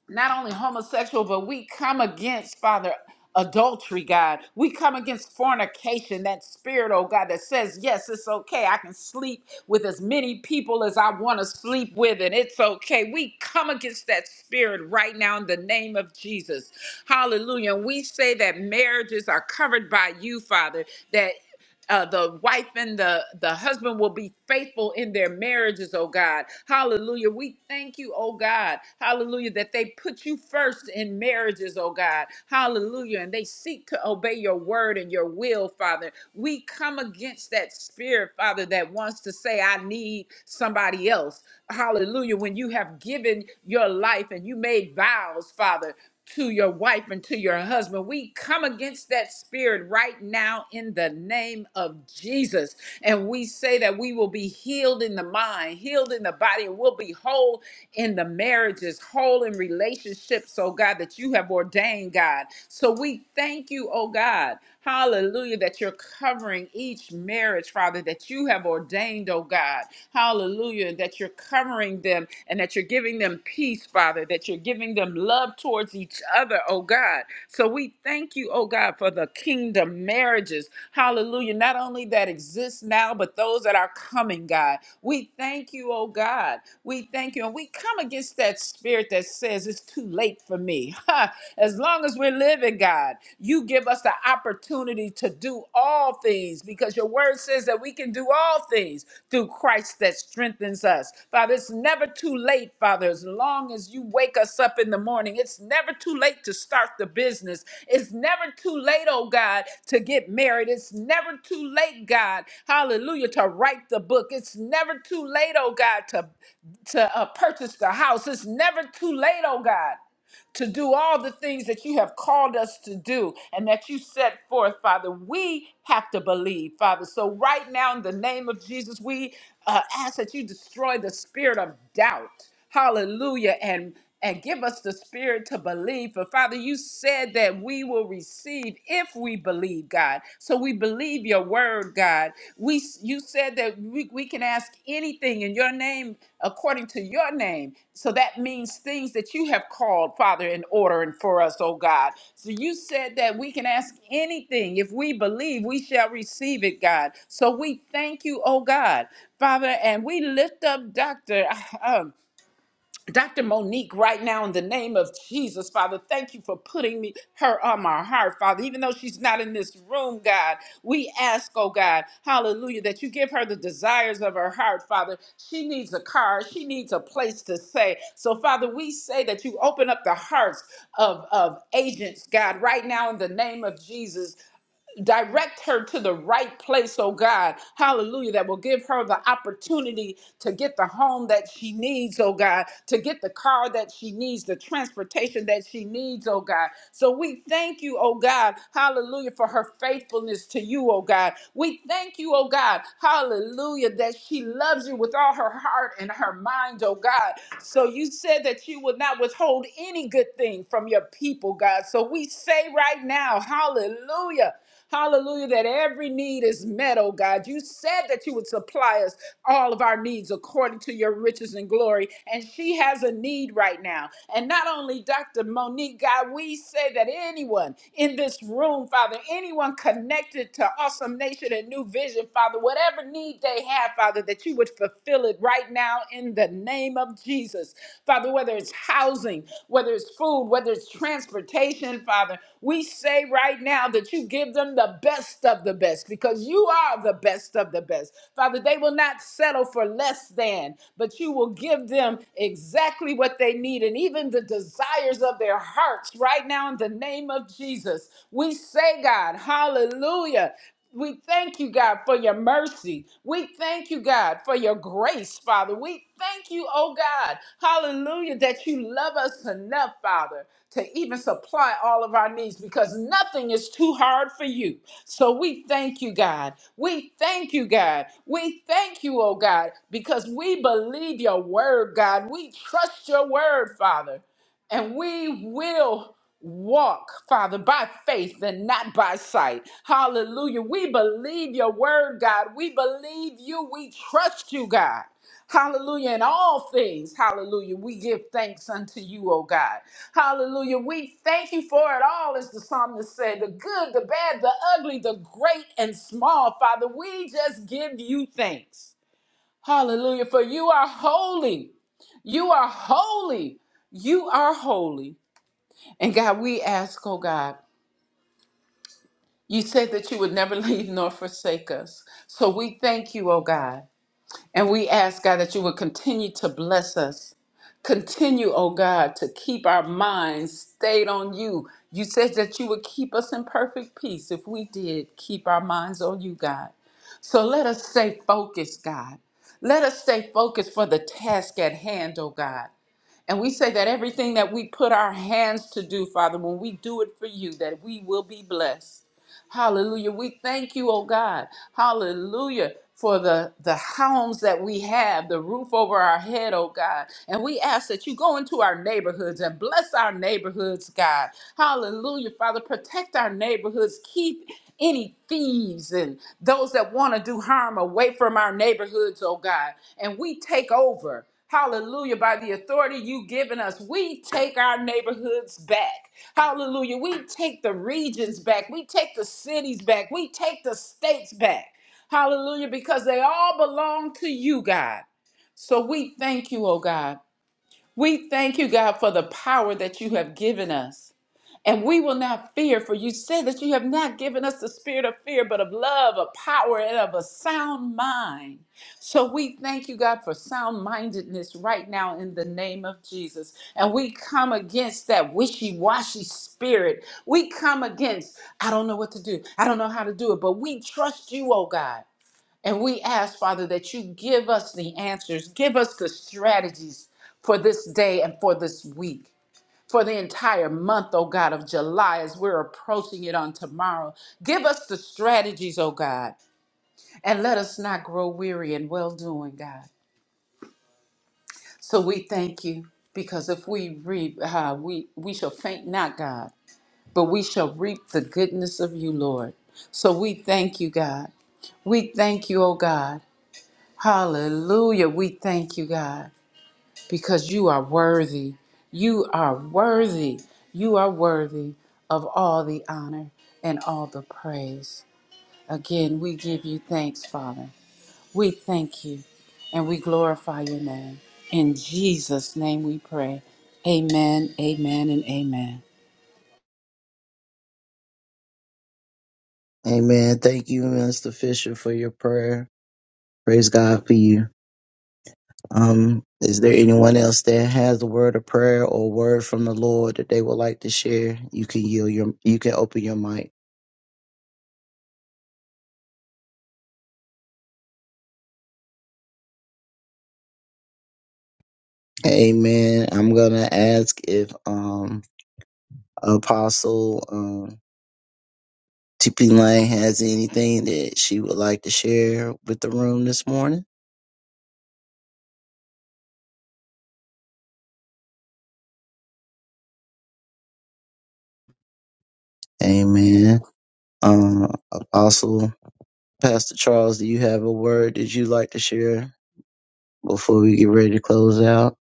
not only homosexual, but we come against, Father, adultery, God. We come against fornication, that spirit, oh God, that says, yes, it's okay. I can sleep with as many people as I want to sleep with, and it's okay. We come against that spirit right now in the name of Jesus. Hallelujah. And we say that marriages are covered by you, Father, uh, the wife and the, the husband will be faithful in their marriages, oh God. Hallelujah. We thank you, oh God. Hallelujah, that they put you first in marriages, oh God. Hallelujah. And they seek to obey your word and your will, Father. We come against that spirit, Father, that wants to say, I need somebody else. Hallelujah. When you have given your life and you made vows, Father to your wife and to your husband. We come against that spirit right now in the name of Jesus. And we say that we will be healed in the mind, healed in the body, and we'll be whole in the marriages, whole in relationships, oh God, that you have ordained, God. So we thank you, oh God. Hallelujah, that you're covering each marriage, Father, that you have ordained, oh God. Hallelujah, that you're covering them and that you're giving them peace, Father, that you're giving them love towards each other, oh God. So we thank you, oh God, for the kingdom marriages. Hallelujah. Not only that exists now, but those that are coming, God. We thank you, oh God. We thank you. And we come against that spirit that says it's too late for me. Ha! As long as we're living, God, you give us the opportunity to do all things because your word says that we can do all things things through Christ that strengthens us. Father, it's never too late, Father, as long as you wake us up in the morning. It's never too late to start the business. It's never too late, oh God, to get married. It's never too late, God, hallelujah, to write the book. It's never too late, oh God, to, to uh, purchase the house. It's never too late, oh God to do all the things that you have called us to do and that you set forth, Father. We have to believe, Father. So, right now, in the name of Jesus, we uh, ask that you destroy the spirit of doubt. Hallelujah. And and give us the spirit to believe. For Father, you said that we will receive if we believe, God. So we believe your believe your word, God. We you said that we, we can ask anything in your name according to your name. So that means things that you have called, Father, in order and for us, oh God. So you said that we can ask anything. If we believe, we shall receive it, God. So we thank you, oh God, Father, and we lift up Dr. Dr. Monique, right now, in the name of Jesus, Father, thank you for putting me her on my heart, Father. Even though she's not in this room, God, we ask, oh God, hallelujah, that you give her the desires of her heart, Father. She needs a car, she needs a place to stay. So, Father, we say that you open up the hearts of, of agents, God, right now in the name of Jesus. Direct her to the right place, oh God. Hallelujah. That will give her the opportunity to get the home that she needs, oh God, to get the car that she needs, the transportation that she needs, oh God. So we thank you, oh God. Hallelujah for her faithfulness to you, oh God. We thank you, oh God. Hallelujah that she loves you with all her heart and her mind, oh God. So you said that you would not withhold any good thing from your people, God. So we say right now, hallelujah. Hallelujah, that every need is met, oh God. You said that you would supply us all of our needs according to your riches and glory. And she has a need right now. And not only Dr. Monique, God, we say that anyone in this room, Father, anyone connected to Awesome Nation and New Vision, Father, whatever need they have, Father, that you would fulfill it right now in the name of Jesus. Father, whether it's housing, whether it's food, whether it's transportation, Father, we say right now that you give them the best of the best because you are the best of the best. Father, they will not settle for less than, but you will give them exactly what they need and even the desires of their hearts right now in the name of Jesus. We say, God, hallelujah. We thank you, God, for your mercy. We thank you, God, for your grace, Father. We thank you, oh God, hallelujah, that you love us enough, Father, to even supply all of our needs because nothing is too hard for you. So we thank you, God. We thank you, God. We thank you, oh God, because we believe your word, God. We trust your word, Father and we will walk, Father, by faith and not by sight. Hallelujah. We believe your word, God. We believe you. We trust you, God. Hallelujah. In all things, hallelujah, we give thanks unto you, O God. Hallelujah. We thank you for it all, as the psalmist said the good, the bad, the ugly, the great and small, Father. We just give you thanks. Hallelujah. For you are holy. You are holy. You are holy. And God, we ask, oh God, you said that you would never leave nor forsake us. So we thank you, oh God. And we ask, God, that you would continue to bless us. Continue, oh God, to keep our minds stayed on you. You said that you would keep us in perfect peace if we did keep our minds on you, God. So let us stay focused, God. Let us stay focused for the task at hand, oh God. And we say that everything that we put our hands to do, Father, when we do it for you, that we will be blessed. Hallelujah. We thank you, oh God. Hallelujah. For the, the homes that we have, the roof over our head, oh God. And we ask that you go into our neighborhoods and bless our neighborhoods, God. Hallelujah, Father. Protect our neighborhoods. Keep any thieves and those that want to do harm away from our neighborhoods, oh God. And we take over. Hallelujah. By the authority you've given us, we take our neighborhoods back. Hallelujah. We take the regions back. We take the cities back. We take the states back. Hallelujah. Because they all belong to you, God. So we thank you, oh God. We thank you, God, for the power that you have given us. And we will not fear, for you said that you have not given us the spirit of fear, but of love, of power, and of a sound mind. So we thank you, God, for sound mindedness right now in the name of Jesus. And we come against that wishy washy spirit. We come against, I don't know what to do. I don't know how to do it, but we trust you, oh God. And we ask, Father, that you give us the answers, give us the strategies for this day and for this week for the entire month, oh God, of July as we're approaching it on tomorrow. Give us the strategies, oh God, and let us not grow weary in well doing, God. So we thank you because if we reap, uh, we, we shall faint not, God, but we shall reap the goodness of you, Lord. So we thank you, God. We thank you, oh God. Hallelujah. We thank you, God. because you are worthy. You are worthy. You are worthy of all the honor and all the praise. Again, we give you thanks, Father. We thank you and we glorify your name. In Jesus' name we pray. Amen, amen, and amen. Amen. Thank you, Mister Fisher, for your prayer. Praise God for you. Um, is there anyone else that has a word of prayer or word from the Lord that they would like to share? You can yield your, you can open your mic. Amen. I'm gonna ask if um, Apostle um, TP Lane has anything that she would like to share with the room this morning. Amen. Um, Apostle Pastor Charles, do you have a word that you'd like to share before we get ready to close out?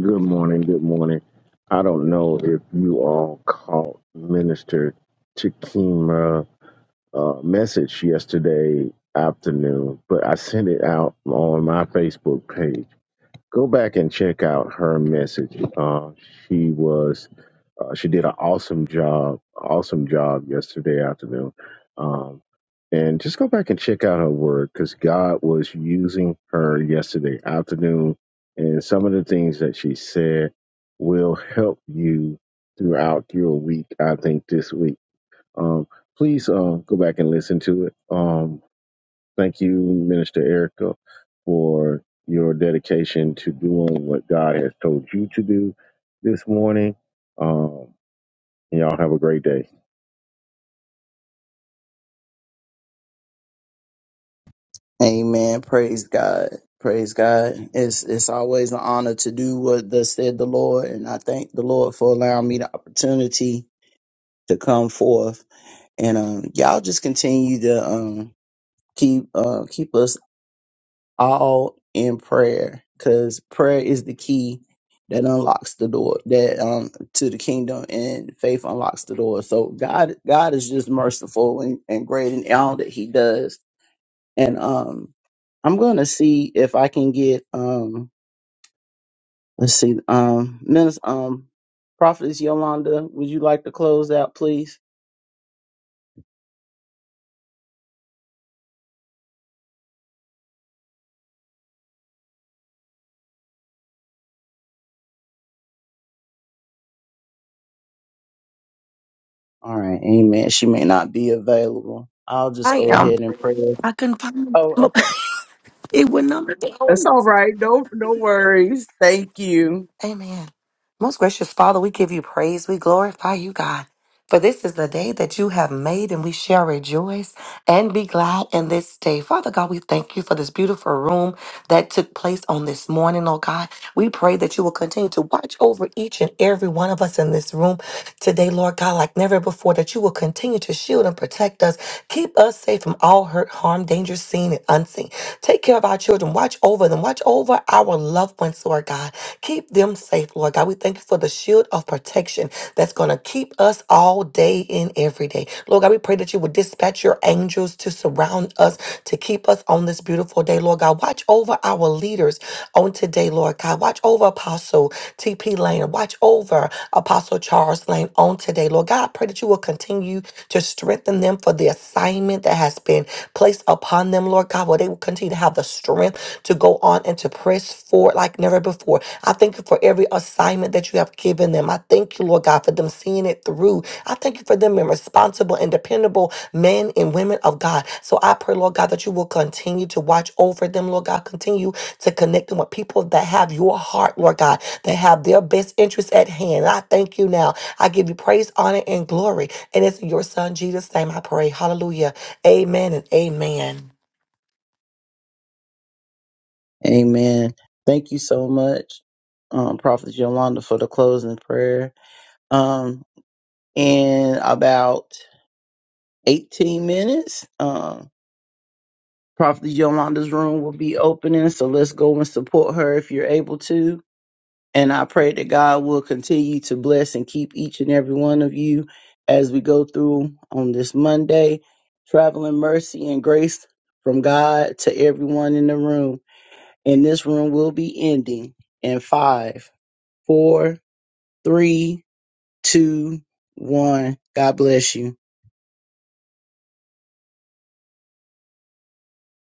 Good morning. Good morning. I don't know if you all caught Minister Takima. uh, message yesterday afternoon, but I sent it out on my Facebook page. Go back and check out her message. Uh, she was uh, she did an awesome job, awesome job yesterday afternoon. Um, and just go back and check out her word because God was using her yesterday afternoon, and some of the things that she said will help you throughout your week. I think this week. Um, please uh, go back and listen to it. Um, thank you, Minister Erica, for your dedication to doing what God has told you to do this morning. Um, and y'all have a great day. Amen. Praise God. Praise God. It's it's always an honor to do what thus said the Lord, and I thank the Lord for allowing me the opportunity to come forth. And um, y'all just continue to um, keep uh, keep us all in prayer because prayer is the key that unlocks the door that um to the kingdom and faith unlocks the door so god god is just merciful and, and great in all that he does and um i'm gonna see if i can get um Let's see. Um, Minister, um, Prophetess Yolanda, would you like to close out, please? All right. Amen. She may not be available. I'll just I go am. ahead and pray. I couldn't find Oh, it. okay. It would not. That's all right. No, no worries. Thank you. Amen. Most gracious Father, we give you praise. We glorify you, God. For this is the day that you have made, and we shall rejoice and be glad in this day. Father God, we thank you for this beautiful room that took place on this morning, oh God. We pray that you will continue to watch over each and every one of us in this room today, Lord God, like never before, that you will continue to shield and protect us, keep us safe from all hurt, harm, danger, seen and unseen. Take care of our children. Watch over them. Watch over our loved ones, Lord God. Keep them safe, Lord God. We thank you for the shield of protection that's going to keep us all day and every day. Lord God, we pray that you would dispatch your angels to surround us, to keep us on this beautiful day, Lord God. Watch over our leaders on today, Lord God. Watch over Apostle T.P. Lane. Watch over Apostle Charles Lane on today, Lord God. I pray that you will continue to strengthen them for the assignment that has been placed upon them, Lord God, where they will continue to have the strength to go on and to press forward like never before. I thank you for every assignment that you have given them. I thank you, Lord God, for them seeing it through. I thank you for them being responsible and dependable men and women of God. So I pray, Lord God, that you will continue to watch over them, Lord God. Continue to connect them with people that have your heart, Lord God, that have their best interests at hand. And I thank you now. I give you praise, honor, and glory. And it's in your son Jesus' name I pray. Hallelujah. Amen and amen. Amen. Thank you so much, um, Prophet Yolanda, for the closing prayer. Um, in about 18 minutes, um, Prophet Yolanda's room will be opening. So let's go and support her if you're able to. And I pray that God will continue to bless and keep each and every one of you as we go through on this Monday, traveling mercy and grace from God to everyone in the room. And this room will be ending in five four, three, two, one. God bless you.